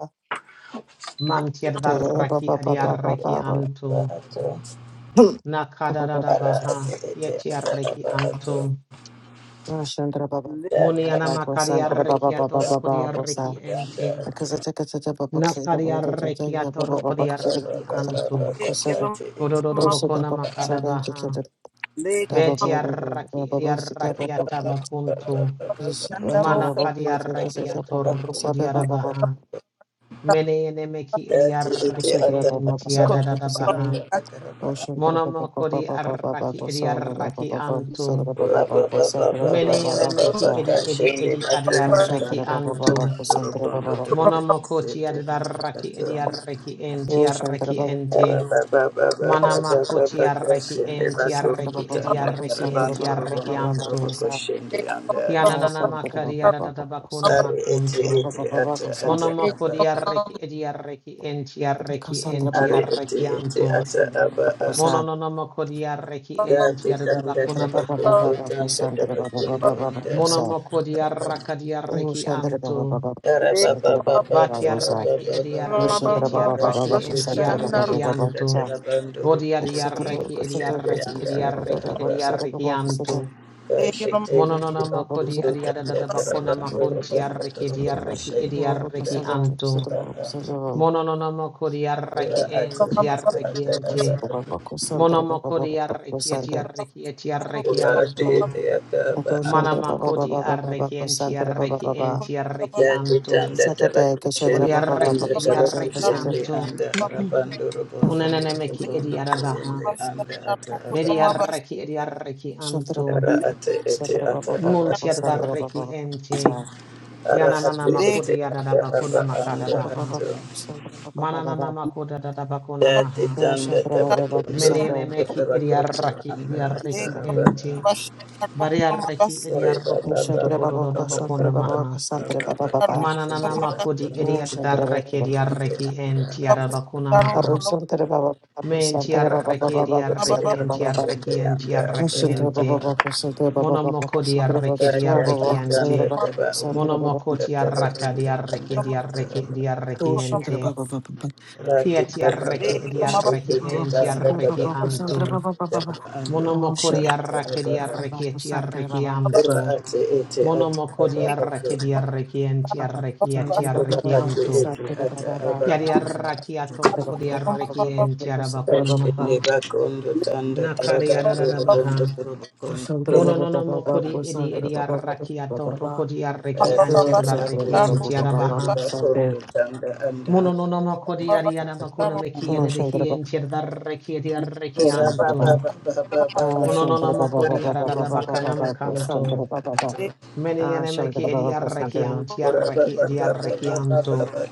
[SPEAKER 2] Mantiad
[SPEAKER 1] Lika
[SPEAKER 2] varraki
[SPEAKER 3] ba
[SPEAKER 2] adi
[SPEAKER 3] ba ba ba
[SPEAKER 2] arraki
[SPEAKER 3] ba.
[SPEAKER 2] anto.
[SPEAKER 4] ba ato ara
[SPEAKER 2] Nakadadadabaha.
[SPEAKER 4] ate ete
[SPEAKER 2] Kieti
[SPEAKER 4] ata
[SPEAKER 2] arraki
[SPEAKER 4] aba
[SPEAKER 2] anto.
[SPEAKER 4] ato
[SPEAKER 3] Oh, Shandra, ba ba
[SPEAKER 1] Lika
[SPEAKER 4] da ka
[SPEAKER 3] ba ba ba ba ba. Oh, Shandra, ba ba ba ba ba ba ba. Oh,
[SPEAKER 2] Munianamakari
[SPEAKER 3] Shandra, ba ba
[SPEAKER 2] arraki
[SPEAKER 3] ba ba ba ba
[SPEAKER 2] atorukodi
[SPEAKER 3] ba.
[SPEAKER 2] arraki ente.
[SPEAKER 3] Oh,
[SPEAKER 2] Nakari arraki
[SPEAKER 3] Shandra, ba ba ba ba ba ba ba. Oh, Shandra, ba ba ba ba ba ba ba.
[SPEAKER 2] atorukodi
[SPEAKER 3] Oh, Shandra, ba
[SPEAKER 2] arraki
[SPEAKER 3] ba
[SPEAKER 4] ba ha to ya ta ba
[SPEAKER 3] ba
[SPEAKER 4] ba
[SPEAKER 3] ba
[SPEAKER 2] anto.
[SPEAKER 4] ba
[SPEAKER 3] ba ba ba. Oh,
[SPEAKER 1] Lika
[SPEAKER 4] ba
[SPEAKER 3] Shandra, ba ba
[SPEAKER 4] te ete
[SPEAKER 2] Kodododo bokona makadabaha.
[SPEAKER 1] Lika
[SPEAKER 2] Beti arraki edi arraki atabakunto. Mana
[SPEAKER 1] Shandaroko
[SPEAKER 2] kadiarrakia
[SPEAKER 3] ba ba ba ba ba.
[SPEAKER 2] torrokodiarabaha. Mene enemeki
[SPEAKER 4] da te ete
[SPEAKER 3] Shantra
[SPEAKER 2] ediarraki
[SPEAKER 4] ata
[SPEAKER 2] en
[SPEAKER 4] aba
[SPEAKER 1] Lika
[SPEAKER 2] tiadadabaha.
[SPEAKER 4] anda akara ba
[SPEAKER 2] Monomokodi arraki ediarraki anto.
[SPEAKER 4] ora ba ba ba ba ba
[SPEAKER 2] Mene
[SPEAKER 4] ba ba ba
[SPEAKER 2] enemeki
[SPEAKER 4] ka
[SPEAKER 2] edi edi
[SPEAKER 4] shende
[SPEAKER 2] edi
[SPEAKER 4] ba kona
[SPEAKER 2] adiarraki
[SPEAKER 4] kanda kara ba
[SPEAKER 2] anto.
[SPEAKER 4] ndoro bondo ndoro ba se
[SPEAKER 2] Monomokoti
[SPEAKER 4] te
[SPEAKER 2] adiarraki
[SPEAKER 4] anda ba
[SPEAKER 2] ediarraki en tiarraki ente. Manamakoti arraki
[SPEAKER 4] Kashende
[SPEAKER 2] en
[SPEAKER 4] bakondo
[SPEAKER 2] tiarraki ediarraki en tiarraki anto.
[SPEAKER 1] Lika
[SPEAKER 4] anda
[SPEAKER 2] Kianana
[SPEAKER 1] Baba
[SPEAKER 2] makaria da bakuna makunto.
[SPEAKER 1] Lika
[SPEAKER 2] Monomokoria reki edia reki entia reki entia rekianto. Mononomokoria reki entia da bakuna maha. Monomokoria rakadia reki
[SPEAKER 3] Shantra Baba
[SPEAKER 2] anto.
[SPEAKER 3] Baba Santara Baba
[SPEAKER 1] Lika
[SPEAKER 3] Baba
[SPEAKER 2] Batia
[SPEAKER 3] Rosa
[SPEAKER 2] reki edia reki
[SPEAKER 3] Shantra
[SPEAKER 2] etia
[SPEAKER 3] Baba Baba
[SPEAKER 1] Baba
[SPEAKER 3] Baba
[SPEAKER 2] reki entia
[SPEAKER 3] Santara Baba
[SPEAKER 1] Shandar
[SPEAKER 3] Baba Baba Sa
[SPEAKER 2] rekianto. Vodia
[SPEAKER 3] Kasata
[SPEAKER 2] reki edia
[SPEAKER 3] Kasata Kasata
[SPEAKER 2] reki edia
[SPEAKER 3] Kasata Baba
[SPEAKER 2] reki
[SPEAKER 3] Baba
[SPEAKER 2] edia
[SPEAKER 3] Kasata Baba Kasata
[SPEAKER 2] rekianto.
[SPEAKER 1] Lika Baba
[SPEAKER 4] Kashite
[SPEAKER 2] Mononona
[SPEAKER 3] Kasata
[SPEAKER 4] liba
[SPEAKER 3] Baba
[SPEAKER 2] makodi
[SPEAKER 4] kudu
[SPEAKER 3] Kasata
[SPEAKER 2] adiada
[SPEAKER 4] tanda
[SPEAKER 3] Baba
[SPEAKER 2] da bakona
[SPEAKER 3] Kasata
[SPEAKER 4] tarabando
[SPEAKER 2] makunti
[SPEAKER 4] robondo
[SPEAKER 2] arreki
[SPEAKER 4] torobo
[SPEAKER 3] Baba
[SPEAKER 2] diarreki
[SPEAKER 3] Kasata
[SPEAKER 4] kushende
[SPEAKER 3] Baba
[SPEAKER 4] yanda
[SPEAKER 2] idiarreki anto.
[SPEAKER 3] Kasata
[SPEAKER 4] ata ata
[SPEAKER 2] Mononona makodi
[SPEAKER 4] ura
[SPEAKER 2] arreki
[SPEAKER 4] ati
[SPEAKER 2] enti
[SPEAKER 1] Baba
[SPEAKER 2] arreki enti.
[SPEAKER 4] ati
[SPEAKER 3] Baba Santara Baba
[SPEAKER 2] Monomokodi
[SPEAKER 3] Baba Baba
[SPEAKER 2] arreki eti
[SPEAKER 3] Santara
[SPEAKER 2] arreki eti arreki
[SPEAKER 1] Darokolo Baba
[SPEAKER 2] anto.
[SPEAKER 4] ata aba
[SPEAKER 3] Kato
[SPEAKER 4] ati
[SPEAKER 3] Shantra Baba
[SPEAKER 2] Manamakodi
[SPEAKER 3] Baba Baba Baba
[SPEAKER 2] arreki enti
[SPEAKER 3] Santara Baba
[SPEAKER 2] arreki
[SPEAKER 3] Baba
[SPEAKER 2] enti
[SPEAKER 1] Baba
[SPEAKER 2] arreki anto.
[SPEAKER 3] Kasata Kasata
[SPEAKER 2] Modi
[SPEAKER 1] Lika
[SPEAKER 3] Baba Baba
[SPEAKER 2] arreki edi
[SPEAKER 1] Baba
[SPEAKER 2] arreki
[SPEAKER 1] Shandar
[SPEAKER 3] Kasata
[SPEAKER 2] anto. [CLEARS THROAT]
[SPEAKER 3] Kasata
[SPEAKER 1] Lika
[SPEAKER 2] Kunenemeki edi arabaha.
[SPEAKER 1] Baba
[SPEAKER 2] Vedi
[SPEAKER 4] ati
[SPEAKER 1] Shandaroko
[SPEAKER 2] arreki edi arreki
[SPEAKER 3] Shandra
[SPEAKER 2] anto.
[SPEAKER 3] Baba
[SPEAKER 4] ara
[SPEAKER 3] Baba
[SPEAKER 4] ati iti
[SPEAKER 3] Shandra
[SPEAKER 4] ata
[SPEAKER 3] Baba Baba
[SPEAKER 4] aba
[SPEAKER 2] Munti
[SPEAKER 3] Shandra Baba
[SPEAKER 2] arreki
[SPEAKER 3] Baba
[SPEAKER 2] enti. Yananana
[SPEAKER 1] Lake
[SPEAKER 2] makodi yadada bakuna makada
[SPEAKER 4] anda
[SPEAKER 3] Shandra Baba
[SPEAKER 2] baha.
[SPEAKER 3] Baba
[SPEAKER 4] ato.
[SPEAKER 3] Shandra Baba
[SPEAKER 2] Mananana
[SPEAKER 3] Baba
[SPEAKER 2] makoda dada bakuna
[SPEAKER 4] That Dati
[SPEAKER 2] maha.
[SPEAKER 4] tanda
[SPEAKER 3] Shandra Baba Baba
[SPEAKER 4] tabatundo
[SPEAKER 2] Menene
[SPEAKER 3] Shandra
[SPEAKER 4] tanda
[SPEAKER 2] meki
[SPEAKER 4] tabakosa
[SPEAKER 2] idiaraki
[SPEAKER 4] anda ata
[SPEAKER 3] Okay,
[SPEAKER 1] Lake
[SPEAKER 2] idiareki
[SPEAKER 3] got it.
[SPEAKER 2] enti.
[SPEAKER 4] abada.
[SPEAKER 2] Bariareki
[SPEAKER 4] Ore
[SPEAKER 3] Oh,
[SPEAKER 4] baba
[SPEAKER 2] idiarokum
[SPEAKER 3] Shandra Baba
[SPEAKER 4] baba
[SPEAKER 2] tokodododa
[SPEAKER 3] Baba
[SPEAKER 4] baba
[SPEAKER 3] Shandra
[SPEAKER 2] bakuna
[SPEAKER 3] Baba
[SPEAKER 2] maha.
[SPEAKER 3] Baba
[SPEAKER 4] baba
[SPEAKER 3] Shandra
[SPEAKER 4] baba
[SPEAKER 3] Baba
[SPEAKER 4] baba
[SPEAKER 3] Baba
[SPEAKER 2] Mananana
[SPEAKER 4] kashende
[SPEAKER 2] makodi
[SPEAKER 4] batundo
[SPEAKER 3] Oh, Shandra
[SPEAKER 4] tanda
[SPEAKER 3] Baba
[SPEAKER 2] idiadareki
[SPEAKER 3] Baba
[SPEAKER 4] tuwende
[SPEAKER 2] idiareki
[SPEAKER 4] anda
[SPEAKER 2] enti yada
[SPEAKER 4] ata
[SPEAKER 2] bakuna
[SPEAKER 3] Aru
[SPEAKER 2] maha.
[SPEAKER 4] abada.
[SPEAKER 3] Shandra Baba Baba
[SPEAKER 2] Menti
[SPEAKER 3] Shandra Baba
[SPEAKER 4] Arata
[SPEAKER 2] arreki
[SPEAKER 3] Baba
[SPEAKER 2] di
[SPEAKER 3] Baba
[SPEAKER 4] tuto
[SPEAKER 2] arreki
[SPEAKER 4] terima
[SPEAKER 3] Shandra
[SPEAKER 2] enti
[SPEAKER 3] Baba Baba
[SPEAKER 4] kashende
[SPEAKER 2] arreki enti
[SPEAKER 4] anda
[SPEAKER 3] Oh,
[SPEAKER 4] ata
[SPEAKER 2] arreki
[SPEAKER 3] Shandra Baba
[SPEAKER 2] ente.
[SPEAKER 4] abada.
[SPEAKER 3] Baba Shandra Baba Baba
[SPEAKER 2] Monomoko di
[SPEAKER 3] Shandra Baba
[SPEAKER 2] arreki di
[SPEAKER 3] Shandra
[SPEAKER 4] Dati
[SPEAKER 2] arreki
[SPEAKER 3] Baba
[SPEAKER 4] tanda
[SPEAKER 3] Shandra
[SPEAKER 2] ente.
[SPEAKER 3] Baba
[SPEAKER 4] tabaundo
[SPEAKER 3] Shandra Baba
[SPEAKER 2] Monomoko
[SPEAKER 4] anda
[SPEAKER 2] ti arraka di
[SPEAKER 4] tabaundo
[SPEAKER 2] arreki
[SPEAKER 4] anda
[SPEAKER 2] di
[SPEAKER 4] ata
[SPEAKER 2] arreki
[SPEAKER 4] abada.
[SPEAKER 2] di arreki
[SPEAKER 3] Oh,
[SPEAKER 2] ente.
[SPEAKER 3] Baba Baba
[SPEAKER 2] Kia
[SPEAKER 4] Rati
[SPEAKER 2] ti
[SPEAKER 4] taba
[SPEAKER 2] arreki
[SPEAKER 3] Baba,
[SPEAKER 2] di
[SPEAKER 4] bakoshende
[SPEAKER 2] arreki enti
[SPEAKER 4] tanda
[SPEAKER 2] arreki
[SPEAKER 4] tabakundo
[SPEAKER 2] anto.
[SPEAKER 4] tanda tabaando
[SPEAKER 2] Monomoko
[SPEAKER 4] anda
[SPEAKER 2] di
[SPEAKER 4] ata
[SPEAKER 2] arreki di
[SPEAKER 4] abada.
[SPEAKER 2] arreki e ti anto.
[SPEAKER 4] Ora ate ete ata
[SPEAKER 2] Monomoko
[SPEAKER 4] aba
[SPEAKER 2] di
[SPEAKER 4] ato.
[SPEAKER 2] arreki di arreki enti arreki e
[SPEAKER 4] Ora ate
[SPEAKER 2] anto.
[SPEAKER 4] ete ata aba
[SPEAKER 2] Kia di
[SPEAKER 4] ato.
[SPEAKER 2] arraki ato ruko di arreki enti arabakona
[SPEAKER 4] Kashende
[SPEAKER 2] maha.
[SPEAKER 4] bakondo tanda
[SPEAKER 2] Nakari
[SPEAKER 4] tarabando
[SPEAKER 2] arara
[SPEAKER 4] robondo
[SPEAKER 2] baha.
[SPEAKER 4] torobokondo
[SPEAKER 2] Mono
[SPEAKER 4] tende
[SPEAKER 2] no no
[SPEAKER 4] ba anda
[SPEAKER 2] edi edi
[SPEAKER 4] ato.
[SPEAKER 2] arraki atorro kodi arreki
[SPEAKER 4] Ate
[SPEAKER 2] anti adarreki
[SPEAKER 4] tabako
[SPEAKER 2] enti
[SPEAKER 4] sutondo
[SPEAKER 2] arabaha.
[SPEAKER 4] tibakondo tanda anda
[SPEAKER 2] Mono no
[SPEAKER 4] ato.
[SPEAKER 2] no mo kodi ariana bakuna
[SPEAKER 4] tabako
[SPEAKER 2] meki
[SPEAKER 4] anda.
[SPEAKER 2] edebehi enti adarreki edi arreki
[SPEAKER 4] Ora ba
[SPEAKER 2] anto.
[SPEAKER 4] ba ba ba ba ba ba
[SPEAKER 2] Mono no no
[SPEAKER 4] ba ba ate
[SPEAKER 2] arada
[SPEAKER 4] ete
[SPEAKER 2] bakana
[SPEAKER 4] ata aba
[SPEAKER 2] makanto.
[SPEAKER 4] anda ato.
[SPEAKER 2] Meni ene meki edi arreki anti
[SPEAKER 4] Ora ba
[SPEAKER 2] arreki
[SPEAKER 4] ba
[SPEAKER 2] edi
[SPEAKER 4] ba ba
[SPEAKER 2] arreki
[SPEAKER 4] ba ba
[SPEAKER 2] anto.
[SPEAKER 4] ba ba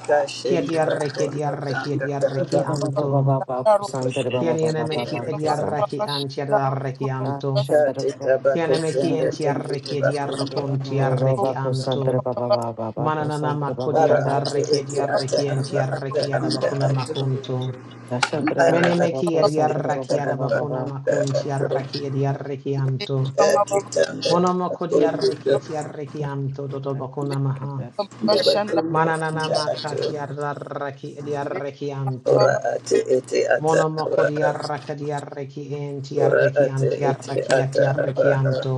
[SPEAKER 2] Chi edi
[SPEAKER 4] kashende
[SPEAKER 2] arreki edi
[SPEAKER 4] bakondo
[SPEAKER 2] arreki
[SPEAKER 4] tanda
[SPEAKER 2] edi arreki
[SPEAKER 3] Santa
[SPEAKER 4] tarabando
[SPEAKER 3] Baba
[SPEAKER 2] anto.
[SPEAKER 3] Baba Baba Santa
[SPEAKER 2] Chi
[SPEAKER 3] Baba
[SPEAKER 2] ene
[SPEAKER 3] Baba
[SPEAKER 2] meki
[SPEAKER 3] Baba
[SPEAKER 2] edi
[SPEAKER 3] Santa
[SPEAKER 2] arreki anti adarreki anto.
[SPEAKER 3] Santa
[SPEAKER 4] Kati
[SPEAKER 3] Baba
[SPEAKER 4] tabako
[SPEAKER 3] Baba
[SPEAKER 2] Kianeme
[SPEAKER 4] sende
[SPEAKER 3] Santa
[SPEAKER 2] kienti
[SPEAKER 4] tende
[SPEAKER 2] arreki edi
[SPEAKER 4] tobacco ndo
[SPEAKER 2] arrokonti
[SPEAKER 4] anda
[SPEAKER 3] Baba
[SPEAKER 2] arreki
[SPEAKER 3] Baba
[SPEAKER 2] anto.
[SPEAKER 3] Santa Baba Baba Baba
[SPEAKER 2] Mananana
[SPEAKER 3] Santa Baba
[SPEAKER 2] makodi
[SPEAKER 4] ara
[SPEAKER 3] Baba
[SPEAKER 4] ate
[SPEAKER 2] adarreki edi
[SPEAKER 4] ete ata
[SPEAKER 2] arreki enti
[SPEAKER 4] aba ata
[SPEAKER 2] arreki
[SPEAKER 4] anda
[SPEAKER 2] adabakona
[SPEAKER 4] ato
[SPEAKER 2] makunto.
[SPEAKER 3] Santa
[SPEAKER 4] ara
[SPEAKER 3] Baba
[SPEAKER 4] ate
[SPEAKER 2] Meneme ki
[SPEAKER 3] Baba
[SPEAKER 2] edi
[SPEAKER 4] ete
[SPEAKER 3] Santa
[SPEAKER 4] ata
[SPEAKER 3] Baba
[SPEAKER 2] arraki
[SPEAKER 3] Baba
[SPEAKER 4] aba
[SPEAKER 2] adabakona
[SPEAKER 3] Baba
[SPEAKER 4] anda
[SPEAKER 2] makunti
[SPEAKER 4] ato
[SPEAKER 2] arraki edi arreki
[SPEAKER 1] Lake
[SPEAKER 2] anto.
[SPEAKER 4] ati tanda tabako
[SPEAKER 2] Monomokodi
[SPEAKER 4] ndo
[SPEAKER 2] arreki eti arreki anto dodobakona
[SPEAKER 3] Get
[SPEAKER 2] maha.
[SPEAKER 3] this.
[SPEAKER 4] tobacco ndo
[SPEAKER 2] Mananana
[SPEAKER 4] anda ato
[SPEAKER 2] makati adarraki edi arreki anto.
[SPEAKER 4] ora ate ete ata aba
[SPEAKER 2] Monomokodi
[SPEAKER 4] a.
[SPEAKER 2] arraki edi arreki enti
[SPEAKER 4] ora
[SPEAKER 2] arreki
[SPEAKER 4] ate
[SPEAKER 2] anti
[SPEAKER 4] ete
[SPEAKER 2] arraki
[SPEAKER 4] ata
[SPEAKER 2] eti
[SPEAKER 4] aba
[SPEAKER 2] arreki
[SPEAKER 4] a.
[SPEAKER 2] anto.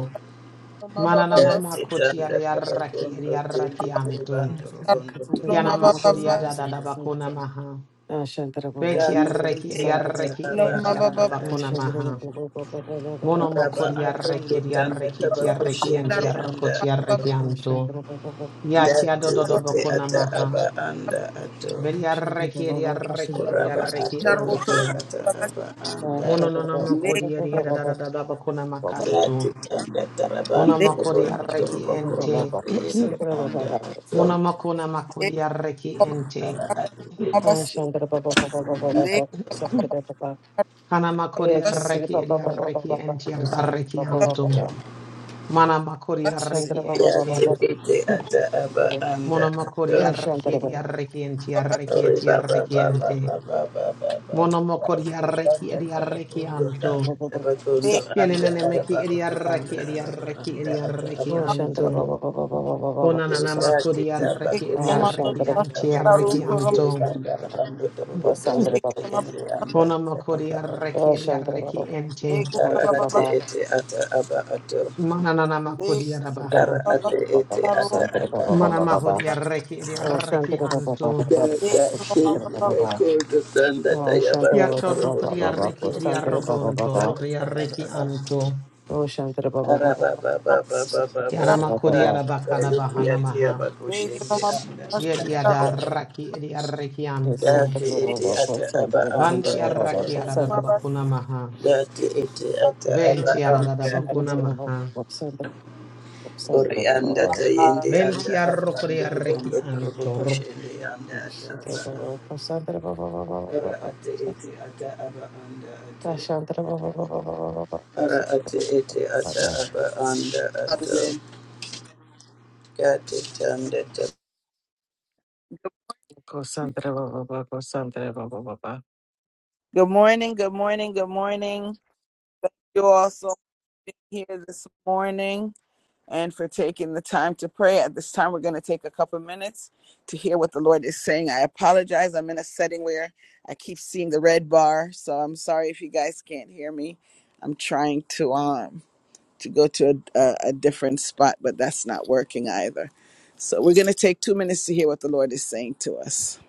[SPEAKER 2] Mananana
[SPEAKER 3] Oh,
[SPEAKER 4] Yati
[SPEAKER 2] makoti
[SPEAKER 4] tanda
[SPEAKER 2] yarraki
[SPEAKER 4] tarakondo
[SPEAKER 2] yarraki
[SPEAKER 4] tende tere
[SPEAKER 2] anto.
[SPEAKER 4] bando
[SPEAKER 3] that's because I
[SPEAKER 4] robondo
[SPEAKER 3] consulted
[SPEAKER 4] torobo
[SPEAKER 3] about
[SPEAKER 2] Yana
[SPEAKER 3] what
[SPEAKER 2] makori
[SPEAKER 3] was in
[SPEAKER 4] kushende
[SPEAKER 3] the
[SPEAKER 2] yadada
[SPEAKER 3] book.
[SPEAKER 4] anda
[SPEAKER 2] bakona
[SPEAKER 4] ita.
[SPEAKER 2] maha.
[SPEAKER 3] Ah, Shantara Baba
[SPEAKER 2] Beti
[SPEAKER 4] Kati
[SPEAKER 3] Baba
[SPEAKER 2] yarraki
[SPEAKER 4] ite ata
[SPEAKER 3] Santara.
[SPEAKER 2] yarraki
[SPEAKER 4] aba
[SPEAKER 2] enti yadada
[SPEAKER 4] anda
[SPEAKER 3] Ah,
[SPEAKER 2] bakona
[SPEAKER 4] ato.
[SPEAKER 3] Shantara
[SPEAKER 2] maha.
[SPEAKER 3] Baba Santa Baba Baba Baba
[SPEAKER 2] Mono
[SPEAKER 4] Araba
[SPEAKER 2] makori
[SPEAKER 3] Santara.
[SPEAKER 2] yarraki
[SPEAKER 4] atondo tanda
[SPEAKER 2] yarraki
[SPEAKER 4] tabako
[SPEAKER 3] This
[SPEAKER 2] yarraki
[SPEAKER 3] is
[SPEAKER 2] enti
[SPEAKER 3] another
[SPEAKER 4] shende
[SPEAKER 3] one.
[SPEAKER 4] anda
[SPEAKER 2] yarrokoti
[SPEAKER 4] ato.
[SPEAKER 2] yarraki
[SPEAKER 3] Ah,
[SPEAKER 2] anto.
[SPEAKER 3] Shantara Baba
[SPEAKER 2] Yati
[SPEAKER 4] Dati
[SPEAKER 2] yadododo
[SPEAKER 4] ite
[SPEAKER 2] bakona
[SPEAKER 4] ata
[SPEAKER 2] maha.
[SPEAKER 4] aba anda ato.
[SPEAKER 2] Beti
[SPEAKER 3] Shandra
[SPEAKER 2] yarraki yarraki
[SPEAKER 4] Uraba
[SPEAKER 2] yarraki
[SPEAKER 4] ato ite
[SPEAKER 2] anto.
[SPEAKER 4] ata aba
[SPEAKER 3] Oh,
[SPEAKER 4] anda
[SPEAKER 2] Mono
[SPEAKER 3] Shantara
[SPEAKER 2] nono
[SPEAKER 4] ato.
[SPEAKER 3] Baba.
[SPEAKER 2] makori
[SPEAKER 3] Baba
[SPEAKER 2] yadada bakona
[SPEAKER 4] Dati
[SPEAKER 2] makanto.
[SPEAKER 4] tanda
[SPEAKER 2] Mono
[SPEAKER 4] tarabando
[SPEAKER 2] makori
[SPEAKER 4] robondo
[SPEAKER 2] yarraki
[SPEAKER 4] torobo kondo
[SPEAKER 3] Baba
[SPEAKER 2] ente. [CLEARS THROAT]
[SPEAKER 4] tende anda
[SPEAKER 3] Sa.
[SPEAKER 4] ato.
[SPEAKER 2] Munamakuna makuria reki ente.
[SPEAKER 4] Ara ati
[SPEAKER 3] Oh,
[SPEAKER 4] ite
[SPEAKER 3] Shantara Baba Baba Baba Baba Baba Sa.
[SPEAKER 2] [CLEARS THROAT] Kana makuria reki eria reki ente arda
[SPEAKER 3] Ah,
[SPEAKER 2] anto. Mana makuria reki
[SPEAKER 4] Ya
[SPEAKER 2] ente.
[SPEAKER 4] tikiti
[SPEAKER 2] [CLEARS THROAT]
[SPEAKER 4] ata aba anda ato.
[SPEAKER 2] Munamakuri arreki edi
[SPEAKER 3] Shantara
[SPEAKER 2] arreki enti arreki
[SPEAKER 4] Ori
[SPEAKER 2] eti
[SPEAKER 4] baba
[SPEAKER 2] arreki
[SPEAKER 4] baba
[SPEAKER 2] ente.
[SPEAKER 4] baba baba baba.
[SPEAKER 2] Monomokuri arreki
[SPEAKER 4] Anda
[SPEAKER 2] edi arreki
[SPEAKER 4] tabakundo anda
[SPEAKER 2] anto.
[SPEAKER 4] tabakundo anda
[SPEAKER 2] Kienenene
[SPEAKER 4] araba
[SPEAKER 2] meki edi
[SPEAKER 4] ato anda
[SPEAKER 2] arreki edi
[SPEAKER 4] araba
[SPEAKER 2] arreki
[SPEAKER 4] anda
[SPEAKER 2] edi
[SPEAKER 4] ata
[SPEAKER 2] arreki
[SPEAKER 4] aba.
[SPEAKER 2] anto.
[SPEAKER 3] Baba
[SPEAKER 2] Konanana
[SPEAKER 3] Sa.
[SPEAKER 4] Tikati
[SPEAKER 2] makuri arreki edi
[SPEAKER 4] tabakushe
[SPEAKER 2] arreki
[SPEAKER 4] tiki
[SPEAKER 2] anti arreki
[SPEAKER 4] tabakundo tiri
[SPEAKER 2] anto.
[SPEAKER 4] anda abando
[SPEAKER 3] Baba
[SPEAKER 4] tabakundo
[SPEAKER 3] Santara Baba
[SPEAKER 4] tiri
[SPEAKER 3] Baba.
[SPEAKER 4] anda
[SPEAKER 2] Kona
[SPEAKER 4] ata
[SPEAKER 2] makodi
[SPEAKER 4] aba.
[SPEAKER 3] Oh,
[SPEAKER 2] arreki edi
[SPEAKER 3] Shantara Baba
[SPEAKER 2] arreki ente.
[SPEAKER 3] Baba,
[SPEAKER 4] Ara ate ete ata aba ato.
[SPEAKER 2] Mananana makodi
[SPEAKER 3] Shantara
[SPEAKER 2] arabaha.
[SPEAKER 4] Ara ate
[SPEAKER 3] Baba
[SPEAKER 4] ete ata
[SPEAKER 3] Shantara
[SPEAKER 4] aba
[SPEAKER 3] Baba
[SPEAKER 2] Mana
[SPEAKER 3] Baba,
[SPEAKER 2] mahodi arreki edi arreki
[SPEAKER 3] Shantara Baba
[SPEAKER 2] anto.
[SPEAKER 3] Baba
[SPEAKER 4] Yakashinde
[SPEAKER 3] Baba,
[SPEAKER 4] rekodo sanda
[SPEAKER 3] Oh,
[SPEAKER 4] tayabando
[SPEAKER 3] Shantara
[SPEAKER 2] Kiato
[SPEAKER 3] Baba
[SPEAKER 4] korobo
[SPEAKER 3] Baba
[SPEAKER 2] rokodi
[SPEAKER 4] kondo
[SPEAKER 3] Baba
[SPEAKER 2] arreki
[SPEAKER 4] korobo
[SPEAKER 2] edi
[SPEAKER 3] Shantara
[SPEAKER 4] kondo
[SPEAKER 3] Baba
[SPEAKER 2] arrokonto.
[SPEAKER 4] anda
[SPEAKER 3] Baba,
[SPEAKER 2] Rokodi arreki
[SPEAKER 4] ata
[SPEAKER 2] anto.
[SPEAKER 3] Oh, Shantara Baba
[SPEAKER 4] ara
[SPEAKER 3] Baba
[SPEAKER 4] ba ba ba
[SPEAKER 1] Good
[SPEAKER 4] ba ba ba ba
[SPEAKER 2] Kiana
[SPEAKER 3] Baba Shantara Baba Baba Oh, Shantara Baba Baba Shantara Baba
[SPEAKER 4] ba
[SPEAKER 2] makodi
[SPEAKER 3] Baba
[SPEAKER 2] arabakana
[SPEAKER 4] ya
[SPEAKER 2] bahana
[SPEAKER 4] tiya
[SPEAKER 2] maha.
[SPEAKER 4] bakoshinde anda ata
[SPEAKER 2] Yedi ada
[SPEAKER 4] aba
[SPEAKER 2] arreki edi arreki
[SPEAKER 3] Yes,
[SPEAKER 2] anto.
[SPEAKER 3] Shantara
[SPEAKER 4] dati
[SPEAKER 3] Baba
[SPEAKER 4] ete
[SPEAKER 3] Baba
[SPEAKER 4] ata aba
[SPEAKER 3] Shantara Baba Baba
[SPEAKER 4] anda
[SPEAKER 2] Banti
[SPEAKER 4] ata
[SPEAKER 2] arreki
[SPEAKER 3] Baba
[SPEAKER 2] adada
[SPEAKER 3] Shantara Baba
[SPEAKER 2] bakuna maha.
[SPEAKER 4] dati ete ata aba
[SPEAKER 2] Venti adada
[SPEAKER 4] anda
[SPEAKER 3] Shantara
[SPEAKER 2] bakuna
[SPEAKER 4] ata
[SPEAKER 3] Baba Baba Shantara Baba Baba,
[SPEAKER 2] maha.
[SPEAKER 3] Shantara Baba Baba Shantara Baba Baba Shantara
[SPEAKER 4] ori anda tayende anda
[SPEAKER 2] Venti
[SPEAKER 4] ata
[SPEAKER 2] arrokodi
[SPEAKER 4] anda
[SPEAKER 2] arreki
[SPEAKER 4] kondo korobo
[SPEAKER 2] anto.
[SPEAKER 4] koshinde anda ata aba
[SPEAKER 3] Baba Baba
[SPEAKER 4] ara ate
[SPEAKER 3] Baba
[SPEAKER 4] ete ata aba anda ata
[SPEAKER 3] Tashantra Baba Baba Baba
[SPEAKER 4] Ara ati
[SPEAKER 3] Baba
[SPEAKER 4] iti ata aba anda ato gati tanda ta.
[SPEAKER 3] Kosantra Baba Baba Kosantra Baba Baba.
[SPEAKER 1] morning, good morning, good morning. Thank you all so much for being here this morning and for taking the time to pray. At this time, we're going to take a couple minutes to hear what the Lord is saying. I apologize. I'm in a setting where I keep seeing the red bar, so I'm sorry if you guys can't hear me. I'm trying to. um. to go to a, a, a different spot, but that's not working either. So we're going to take two minutes to hear what the Lord is saying to us.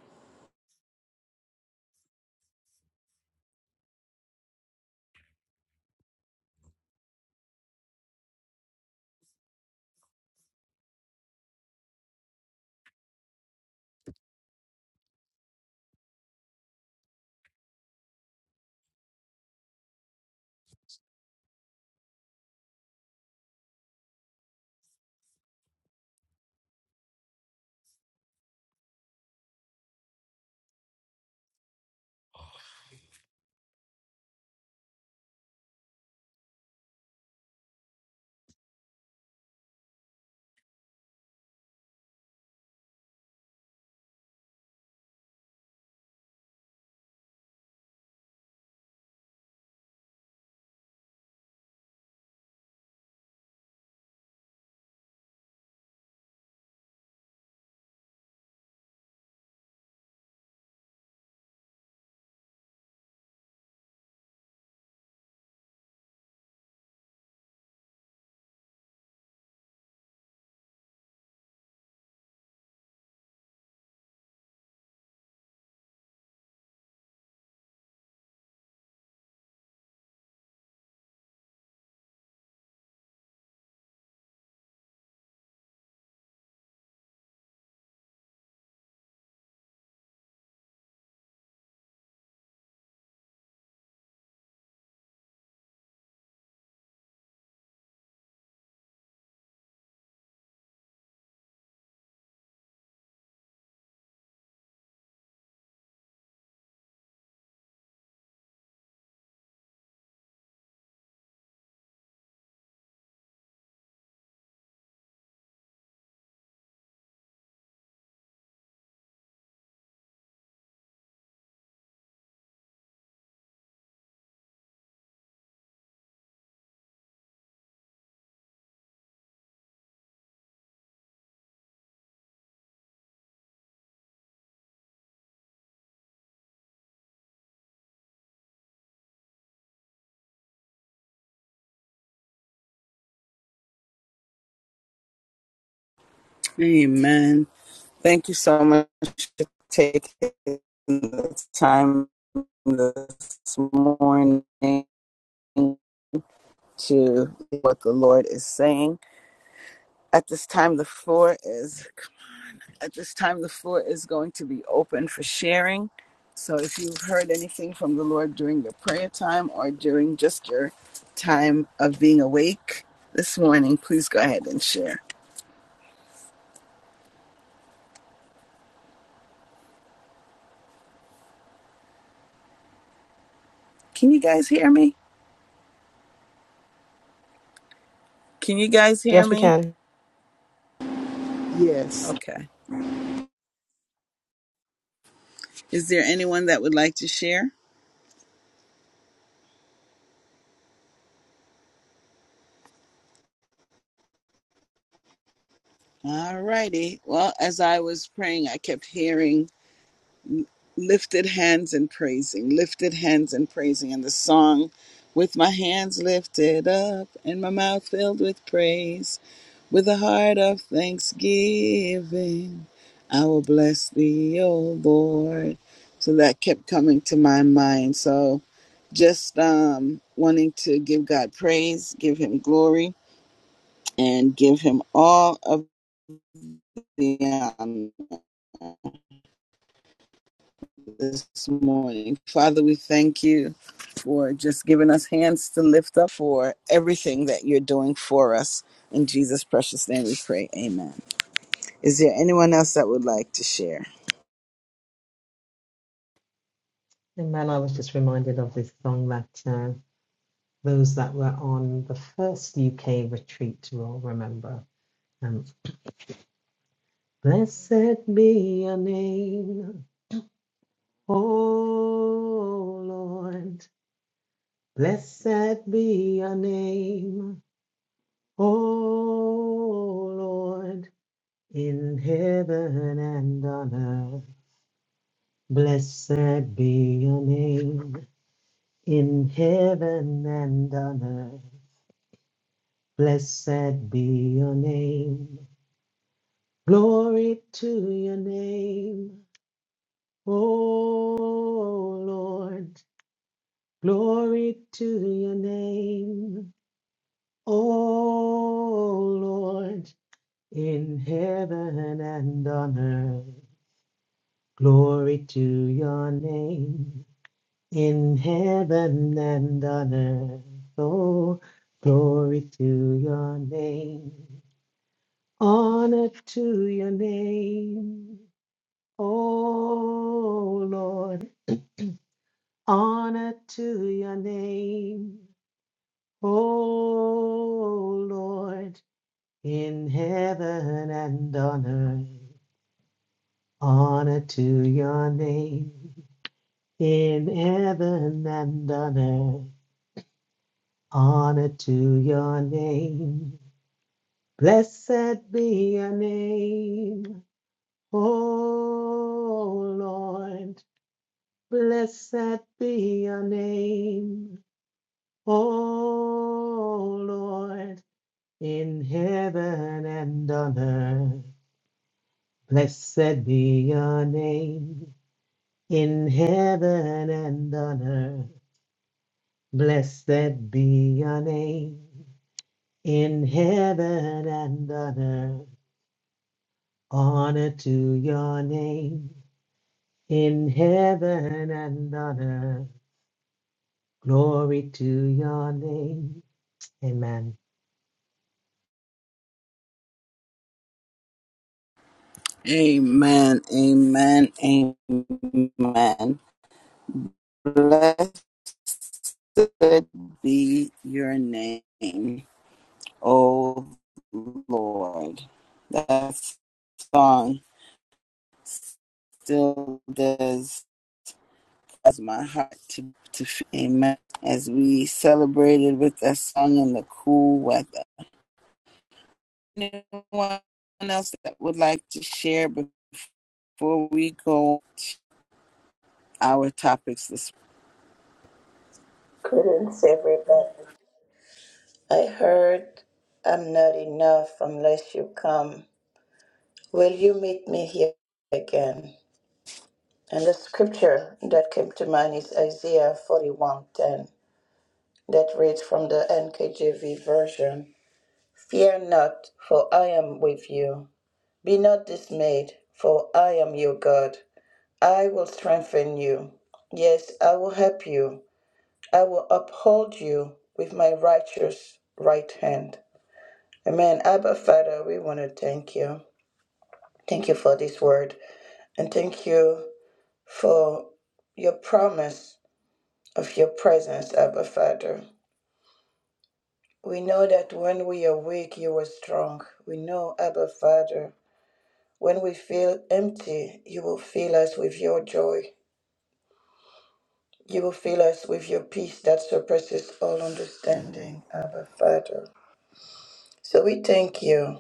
[SPEAKER 1] Amen. Thank you so much for taking the time this morning to hear what the Lord is saying. At this time, the floor is come on. at this time the floor is going to be open for sharing. So if you've heard anything from the Lord during your prayer time or during just your time of being awake this morning, please go ahead and share. Can you guys hear me? Can you guys hear
[SPEAKER 3] Yes, we
[SPEAKER 1] me?
[SPEAKER 3] can.
[SPEAKER 5] Yes.
[SPEAKER 1] Okay. Is there anyone that would like to share? All righty. Well, as I was praying, I kept hearing lifted hands and praising, lifted hands and praising. And the song, with my hands lifted up and my mouth filled with praise, with a heart of thanksgiving, I will bless thee, O Lord. So that kept coming to my mind. So just um, wanting to give God praise, give him glory, and give him all of the honor. this morning. Father, we thank you for just giving us hands to lift up for everything that you're doing for us. In Jesus' precious name we pray. Amen. Is there anyone else that would like to share?
[SPEAKER 2] And man, I was just reminded of this song that uh, those that were on the first UK retreat will remember. Um, Blessed be your name, oh Lord. Blessed be your name, oh Lord, in heaven and on earth. Blessed be your name, in heaven and on earth. Blessed be your name. Glory to your name. Oh Lord. Glory to your name. Oh Lord. In heaven and on earth. Glory to your name. In heaven and on earth. Oh, glory to your name. Honor to your name. Oh Lord, honor to your name. Oh Lord, in heaven and on earth, honor to your name. In heaven and on earth, honor to your name. Blessed be your name. Oh Lord, blessed be your name. O Lord, in heaven and on earth, blessed be your name. In heaven and on earth, blessed be your name. In heaven and on earth, honor to your name. In heaven and on earth, glory to your name. Amen.
[SPEAKER 1] Amen. Amen. Amen. Blessed be your name, O Lord. That song still does as my heart to, to feel. Amen. As we celebrated with that song in the cool weather. Anyone else that would like to share before we go our topics this morning?
[SPEAKER 4] Greetings, everybody. I heard I'm not enough unless you come. Will you meet me here again? And the scripture that came to mind is Isaiah 41:10 that reads from the NKJV version. Fear not, for I am with you. Be not dismayed, for I am your God. I will strengthen you. Yes, I will help you. I will uphold you with my righteous right hand. Amen. Abba, Father, we want to thank you. Thank you for this word. And thank you for your promise of your presence, Abba, Father. We know that when we are weak, you are strong. We know, Abba, Father, when we feel empty, you will fill us with your joy. You will fill us with your peace that surpasses all understanding, Abba, Father. So we thank you.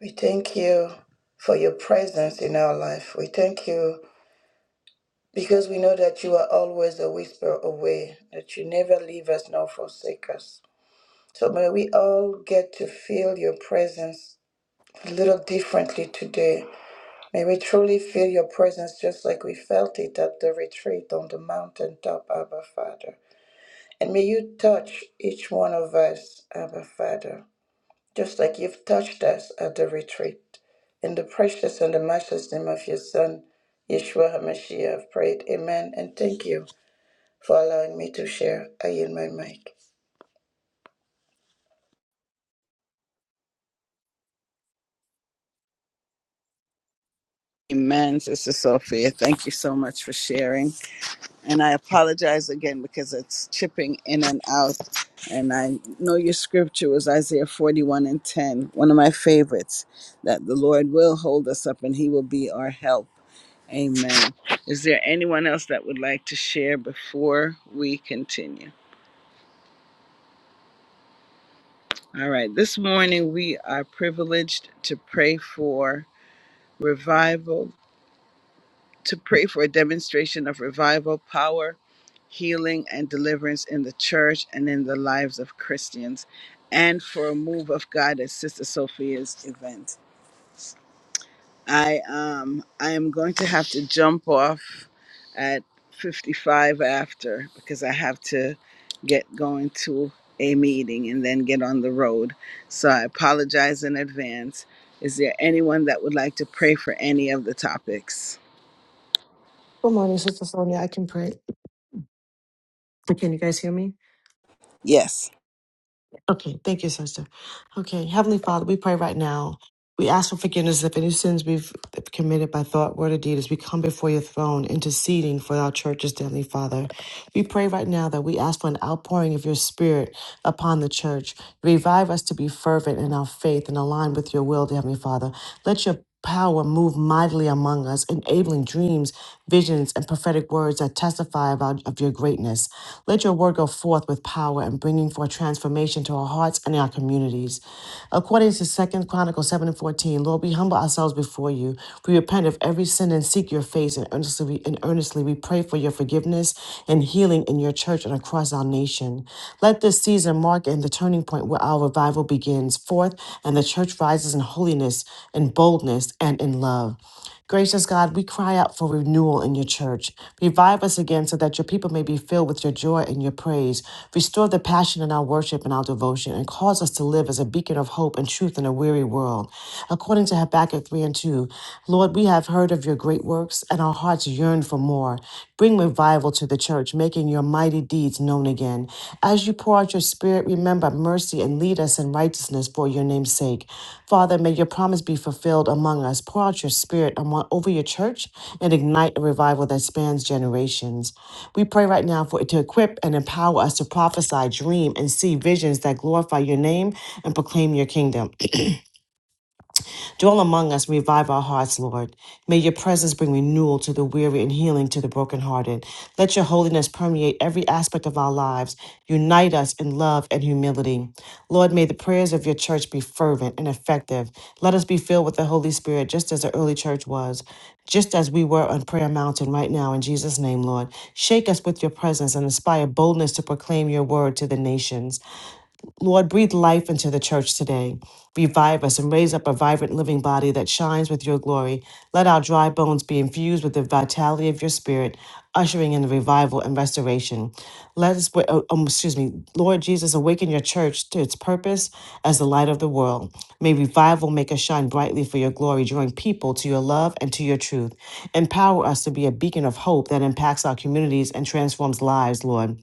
[SPEAKER 4] We thank you for your presence in our life. We thank you because we know that you are always a whisper away, that you never leave us nor forsake us. So may we all get to feel your presence a little differently today. May we truly feel your presence just like we felt it at the retreat on the mountaintop, Abba Father. And may you touch each one of us, Abba Father. just like you've touched us at the retreat. In the precious and the matchless name of your Son, Yeshua HaMashiach, I've prayed. Amen. And thank you for allowing me to share. I yield my mic.
[SPEAKER 1] Amen, Sister Sophia. Thank you so much for sharing. And I apologize again because it's chipping in and out. And I know your scripture was Isaiah 41 and ten, one of my favorites, that the Lord will hold us up and he will be our help. Amen. Is there anyone else that would like to share before we continue? All right. This morning, we are privileged to pray for revival, to pray for a demonstration of revival, power, healing, and deliverance in the church and in the lives of Christians, and for a move of God at Sister Sophia's event. I um I am going to have to jump off at 55 after because I have to get going to a meeting and then get on the road. So I apologize in advance. Is there anyone that would like to pray for any of the topics?
[SPEAKER 3] Good morning, Sister Sonia. I can pray. Can you guys hear me?
[SPEAKER 1] Yes.
[SPEAKER 3] Okay, thank you, Sister. Okay, Heavenly Father, we pray right now. We ask for forgiveness of any sins we've committed by thought, word, or deed as we come before your throne, interceding for our churches, dear Heavenly Father. We pray right now that we ask for an outpouring of your spirit upon the church. Revive us to be fervent in our faith and aligned with your will, dear Heavenly Father. Let your power move mightily among us, enabling dreams, visions, and prophetic words that testify about, of your greatness. Let your word go forth with power and bringing forth transformation to our hearts and our communities. According to Second Chronicles 7 and 14, Lord, we humble ourselves before you. We repent of every sin and seek your face and earnestly, and earnestly we pray for your forgiveness and healing in your church and across our nation. Let this season mark and the turning point where our revival begins forth and the church rises in holiness, in boldness, and in love. Gracious God, we cry out for renewal in your church. Revive us again so that your people may be filled with your joy and your praise. Restore the passion in our worship and our devotion, and cause us to live as a beacon of hope and truth in a weary world. According to Habakkuk 3 and 2, Lord, we have heard of your great works, and our hearts hearts yearn for more. Bring revival to the church, making your mighty deeds known again. As you pour out your spirit, remember mercy and lead us in righteousness for your name's sake. Father, may your promise be fulfilled among us. Pour out your spirit among, over your church and ignite a revival that spans generations. We pray right now for to equip and empower us to prophesy, dream, and see visions that glorify your name and proclaim your kingdom. Dwell among us, revive our hearts, Lord. May your presence bring renewal to the weary and healing to the brokenhearted. Let your holiness permeate every aspect of our lives. Unite us in love and humility. Lord, may the prayers of your church be fervent and effective. Let us be filled with the Holy Spirit, just as the early church was, just as we were on Prayer Mountain right now, in Jesus' name, Lord. Shake us with your presence and inspire boldness to proclaim your word to the nations. Lord, breathe life into the church today. Revive us and raise up a vibrant living body that shines with your glory. Let our dry bones be infused with the vitality of your spirit, ushering in the revival and restoration. Let us, wa- oh, um, excuse me, Lord Jesus, awaken your church to its purpose as the light of the world. May revival make us shine brightly for your glory, drawing people to your love and to your truth. Empower us to be a beacon of hope that impacts our communities and transforms lives, Lord.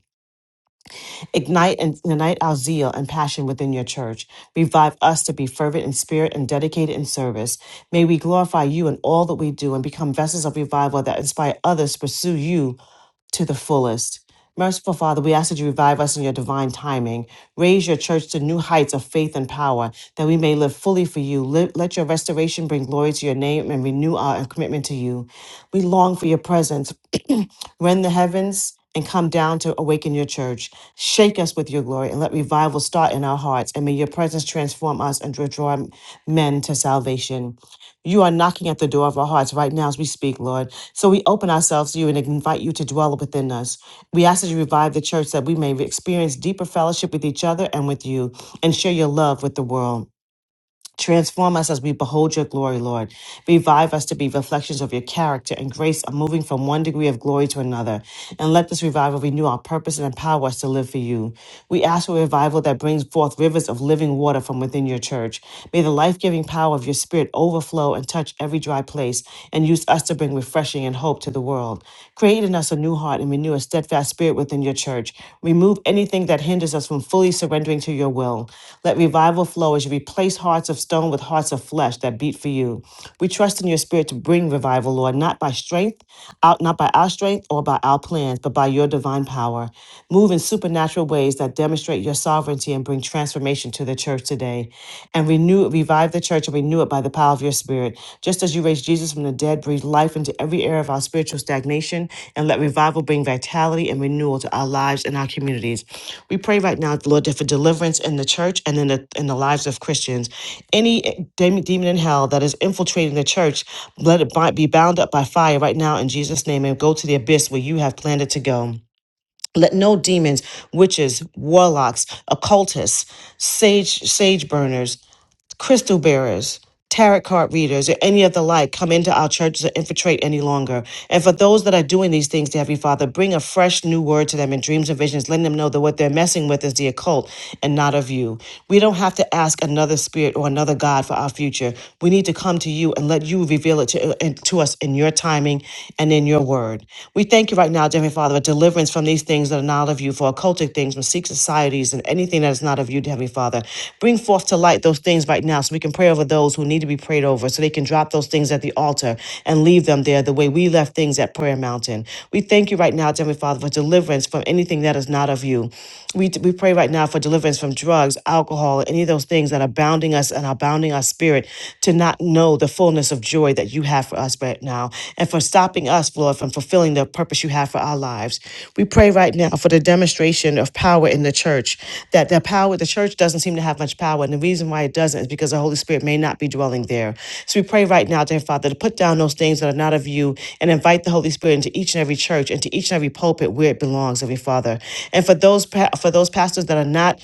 [SPEAKER 3] Ignite and ignite our zeal and passion within your church. Revive us to be fervent in spirit and dedicated in service. May we glorify you in all that we do and become vessels of revival that inspire others to pursue you to the fullest. Merciful Father, we ask that you revive us in your divine timing. Raise your church to new heights of faith and power, that we may live fully for you. Let let your restoration bring glory to your name and renew our commitment to you. We long for your presence. [CLEARS THROAT] Rend the heavens and come down to awaken your church. Shake us with your glory and let revival start in our hearts. And may your presence transform us and draw men to salvation. You are knocking at the door of our hearts right now as we speak, Lord. So we open ourselves to you and invite you to dwell within us. We ask that you revive the church that we may experience deeper fellowship with each other and with you and share your love with the world. Transform us as we behold your glory, Lord. Revive us to be reflections of your character and grace of moving from one degree of glory to another. And let this revival renew our purpose and empower us to live for you. We ask for a revival that brings forth rivers of living water from within your church. May the life giving power of your spirit overflow and touch every dry place and use us to bring refreshing and hope to the world. Create in us a new heart and renew a renew a steadfast spirit within your church. Remove anything that hinders us from fully surrendering to your will. Let revival flow as you replace hearts of stone with hearts of flesh that beat for you. We trust in your spirit to bring revival, Lord, not by strength, out not by our strength or by our plans, but by your divine power. Move in supernatural ways that demonstrate your sovereignty and bring transformation to the church today. And renew revive the the church and renew it by the power of your spirit. Just as you raised Jesus from the dead, breathe life into every area of our spiritual stagnation and let revival bring vitality and renewal to our lives and our communities. We pray right now, Lord, for deliverance in the church and in the in the lives of Christians. Any eh, dem- demon in hell that is infiltrating the church, let it bi- be bound up by fire right now in Jesus' name and go to the abyss where you have planned it to go. Let no demons, witches, warlocks, occultists, sage sage burners, crystal bearers, tarot card readers, or any of the like come into our churches or infiltrate any longer. And for those that are doing these things, dear Heavenly Father, bring a fresh new word to them in dreams and visions, letting them know that what they're messing with is the occult and not of you. We don't have to ask another spirit or another God for our future. We need to come to you and let you reveal it to, and to us in your timing and in your word. We thank you right now, dear Heavenly Father, for deliverance from these things things that are not of you, for occultic things, mystique societies, and anything that is not of you, Heavenly Father. Bring forth to light those things right now so we can pray over those who need to be prayed over, so they can drop those things at the altar and leave them there the way we left things at Prayer Mountain. We thank you right now, Heavenly Father, for deliverance from anything that is not of you. We, we pray right now for deliverance from drugs, alcohol, any of those things that are bounding us and are bounding our spirit to not know the fullness of joy joy that you have for us right now and for stopping us, Lord, from fulfilling the purpose you have for our lives. We pray right now for the demonstration of power in the church, that the power, the church doesn't seem to have much power. And the reason why it doesn't is because the Holy Spirit may not be dwelling there. So we pray right now, dear Father, to put down those things that are not of you and invite the Holy Spirit into each and every church and to each and every pulpit where it belongs, every Father. And for those, pa- for those pastors that are not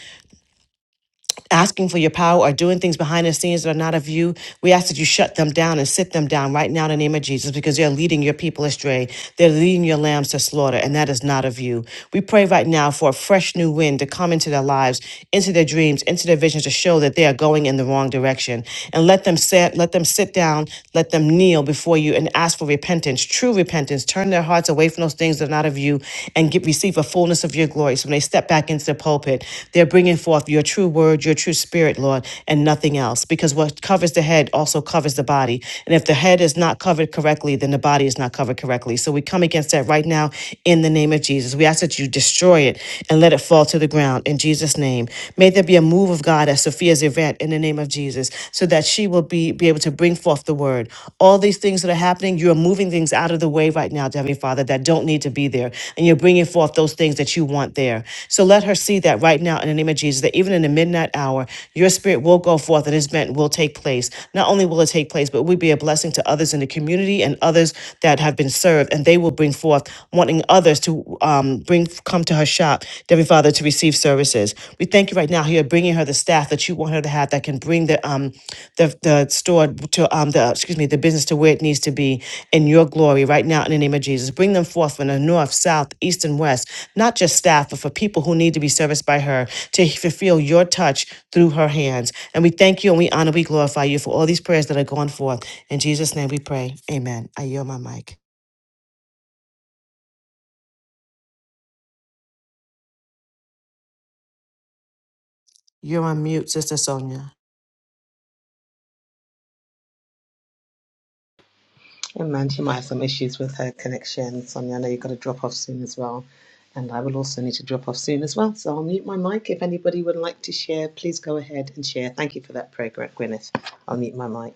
[SPEAKER 3] asking for your power or doing things behind the scenes that are not of you, we ask that you shut them down and sit them down right now in the name of Jesus because they're leading your people astray. They're leading your lambs to slaughter, and that is not of you. We pray right now for a fresh new wind to come into their lives, into their dreams, into their visions to show that they are going in the wrong direction. And let them sit, let them sit down, let them kneel before you and ask for repentance, true repentance. Turn their hearts away from those things that are not of you and get receive a fullness of your glory. So when they step back into the pulpit, they're bringing forth your true word, your true spirit, Lord, and nothing else, because what covers the head also covers the body. And if the head is not covered correctly, then the body is not covered correctly. So we come against that right now in the name of Jesus. We ask that you destroy it and let it fall to the ground in Jesus' name. May there be a move of God at Sophia's event in the name of Jesus so that she will be, be able to bring forth the word. All these things that are happening, you are moving things out of the way right now, Heavenly Father, that don't need to be there. And you're bringing forth those things that you want there. So let her see that right now in the name of Jesus, that even in the midnight hour, your spirit will go forth and his event will take place. Not only will it take place, but we be a blessing to others in the community and others that have been served, and they will bring forth wanting others to um, bring come to her shop, Heavenly Father, to receive services. We thank you right now. You're bringing her the staff that you want her to have that can bring the um the the store to um the excuse me the business to where it needs to be in your glory right now in the name of Jesus. Bring them forth from the north, south, east, and west not just staff, but for people who need to be serviced by her to fulfill your touch through her hands. And we thank you and we honor, we glorify you for all these prayers that are going forth. In Jesus' name we pray. Amen. I yield my mic. You're on mute, Sister Sonia.
[SPEAKER 2] And Mandy might have some issues with her connection. Sonia, I know you've got to drop off soon as well. And I will also need to drop off soon as well. So I'll mute my mic. If anybody would like to share, please go ahead and share. Thank you for that prayer, Gwyneth. I'll mute my mic.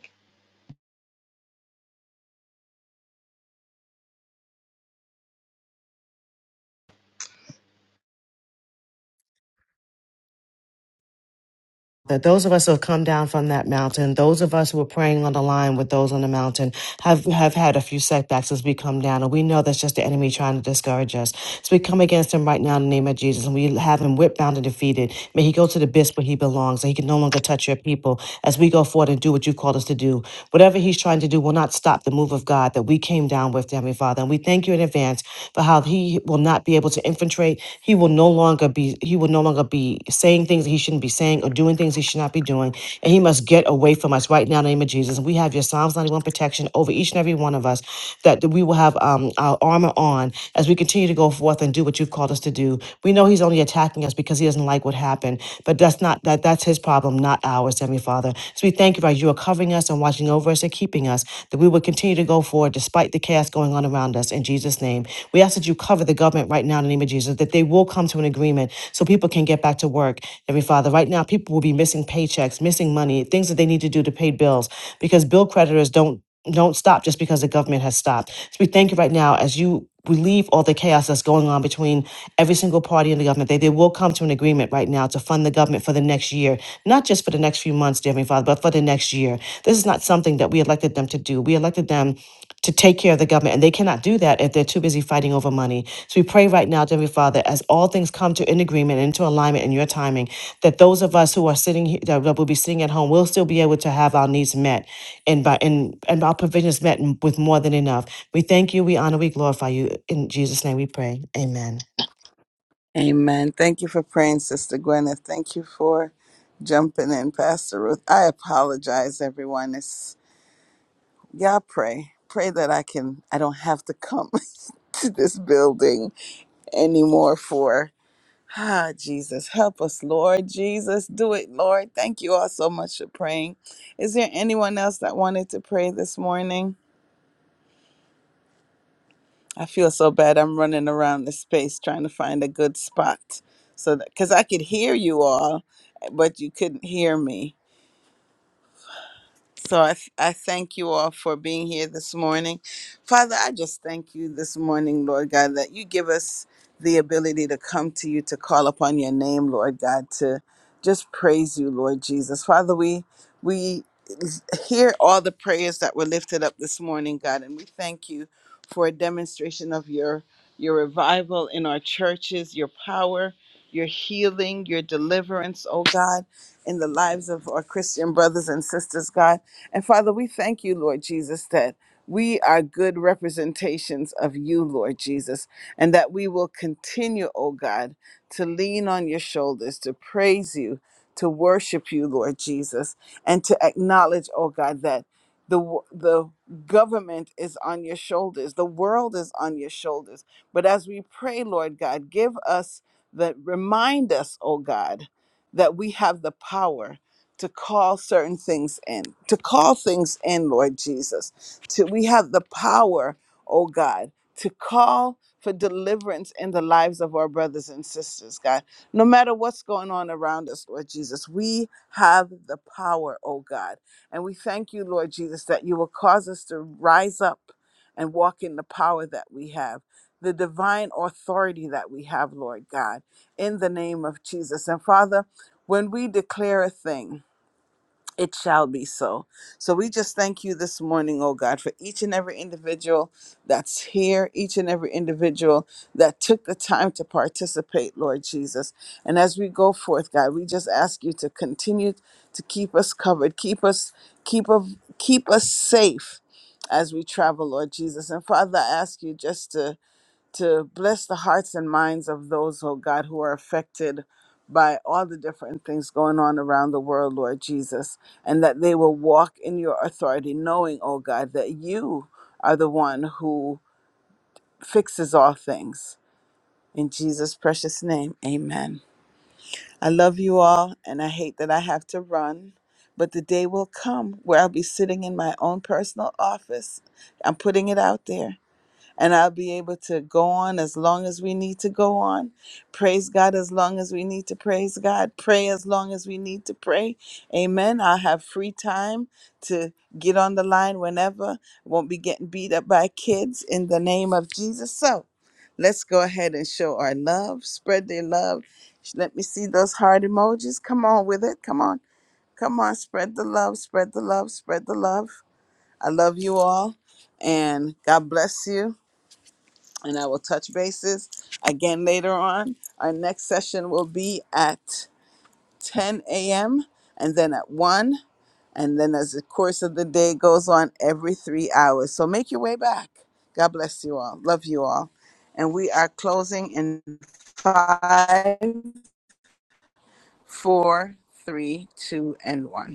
[SPEAKER 3] that those of us who have come down from that mountain, those of us who are praying on the line with those on the mountain, have, have had a few setbacks as we come down. And we know that's just the enemy trying to discourage us. So we come against him right now in the name of Jesus. And we have him whipped, bound, and defeated. May he go to the abyss where he belongs. And he can no longer touch your people as we go forward and do what you called us to do. Whatever he's trying to do will not stop the move of God that we came down with, Heavenly Father. And we thank you in advance for how he will not be able to infiltrate. He will no longer be, he will no longer be saying things that he shouldn't be saying sinning or doing things he should not be doing. And he must get away from us right now in the name of Jesus. And we have your Psalms 91 protection over each and every one of us that we will have um, our armor on as we continue to go forth and do what you've called us to do. We know he's only attacking us because he doesn't like what happened, but that's not that that's his problem, not ours, Heavenly Father. So we thank you that you are covering us and watching over us and keeping us, that we will continue to go forward despite the chaos going on around us. In Jesus' name, we ask that you cover the government right now in the name of Jesus, that they will come to an agreement so people can get back to work. Heavenly Father, Father. Right now, people will be missing paychecks, missing money, things that they need to do to pay bills because bill creditors don't don't stop just because the government has stopped. So we thank you right now as you relieve all the chaos that's going on between every single party in the government. They, they will come to an agreement right now to fund the government for the next year, not just for the next few months, dear Heavenly Father, but for the next year. This is not something that we elected them to do. We elected them to take care of the government, and they cannot do that if they're too busy fighting over money. So we pray right now, dear Heavenly Father, as all things come to an agreement, into alignment in your timing, that those of us who are sitting here that will be sitting at home will still be able to have our needs met and by and, and our provisions met with more than enough. We thank you, we honor, we glorify you. In Jesus' name we pray. Amen.
[SPEAKER 1] Amen. Thank you for praying, Sister Gwyneth. Thank you for jumping in, Pastor Ruth. I apologize, everyone. Y'all pray. Pray that I can, I don't have to come [LAUGHS] to this building anymore for, ah, Jesus. Help us, Lord. Jesus, do it, Lord. Thank you all so much for praying. Is there anyone else that wanted to pray this morning? I feel so bad. I'm running around the space trying to find a good spot. So that, because I could hear you all, but you couldn't hear me. So I, th- I thank you all for being here this morning. Father, I just thank you this morning, Lord God, that you give us the ability to come to you, to call upon your name, Lord God, to just praise you, Lord Jesus. Father, we. we hear all the prayers that were lifted up this morning, God, and we thank you for a demonstration of your your revival in our churches, your power, your healing, your deliverance, oh God, in the lives of our Christian brothers and sisters, God. And Father, we thank you, Lord Jesus, that we are good representations of you, Lord Jesus, and that we will continue, oh God, to lean on your shoulders, to praise you, to worship you, Lord Jesus and to acknowledge, oh God, that the w- the government is on your shoulders, the world is on your shoulders. But as we pray, Lord God, give us that remind us, oh God, that we have the power to call certain things in, to call things in, Lord Jesus. To we have the power, oh God, to call for deliverance in the lives of our brothers and sisters, God no matter what's going on around us, Lord Jesus. We have the power, oh God. And we thank you, Lord Jesus, that you will cause us to rise up and walk in the power that we have, the divine authority that we have, Lord God, in the name of Jesus. And Father, when we declare a thing, it shall be so. So we just thank you this morning, oh God, for each and every individual that's here, each and every individual that took the time to participate, Lord Jesus. And as we go forth, God, we just ask you to continue to keep us covered, keep us, keep us, keep us safe as we travel, Lord Jesus. And Father, I ask you just to to bless the hearts and minds of those, oh God, who are affected by all the different things going on around the world, Lord Jesus, and that they will walk in your authority, knowing, oh God, that you are the one who fixes all things. In Jesus' precious name, amen. I love you all, and I hate that I have to run, but the day will come where I'll be sitting in my own personal office. I'm putting it out there and I'll be able to go on as long as we need to go on, praise God as long as we need to praise God, pray as long as we need to pray. Amen. I'll have free time to get on the line whenever. Won't be getting beat up by kids in the name of Jesus. So let's go ahead and show our love, spread their love. Let me see those heart emojis. Come on with it. Come on. Come on. Spread the love, spread the love, spread the love. I love you all and God bless you and I will touch bases again later on. Our next session will be at 10 a.m. and then at 1. And then as the course of the day goes on, every three hours. So make your way back. God bless you all. Love you all. And we are closing in five, four, three, two, and one.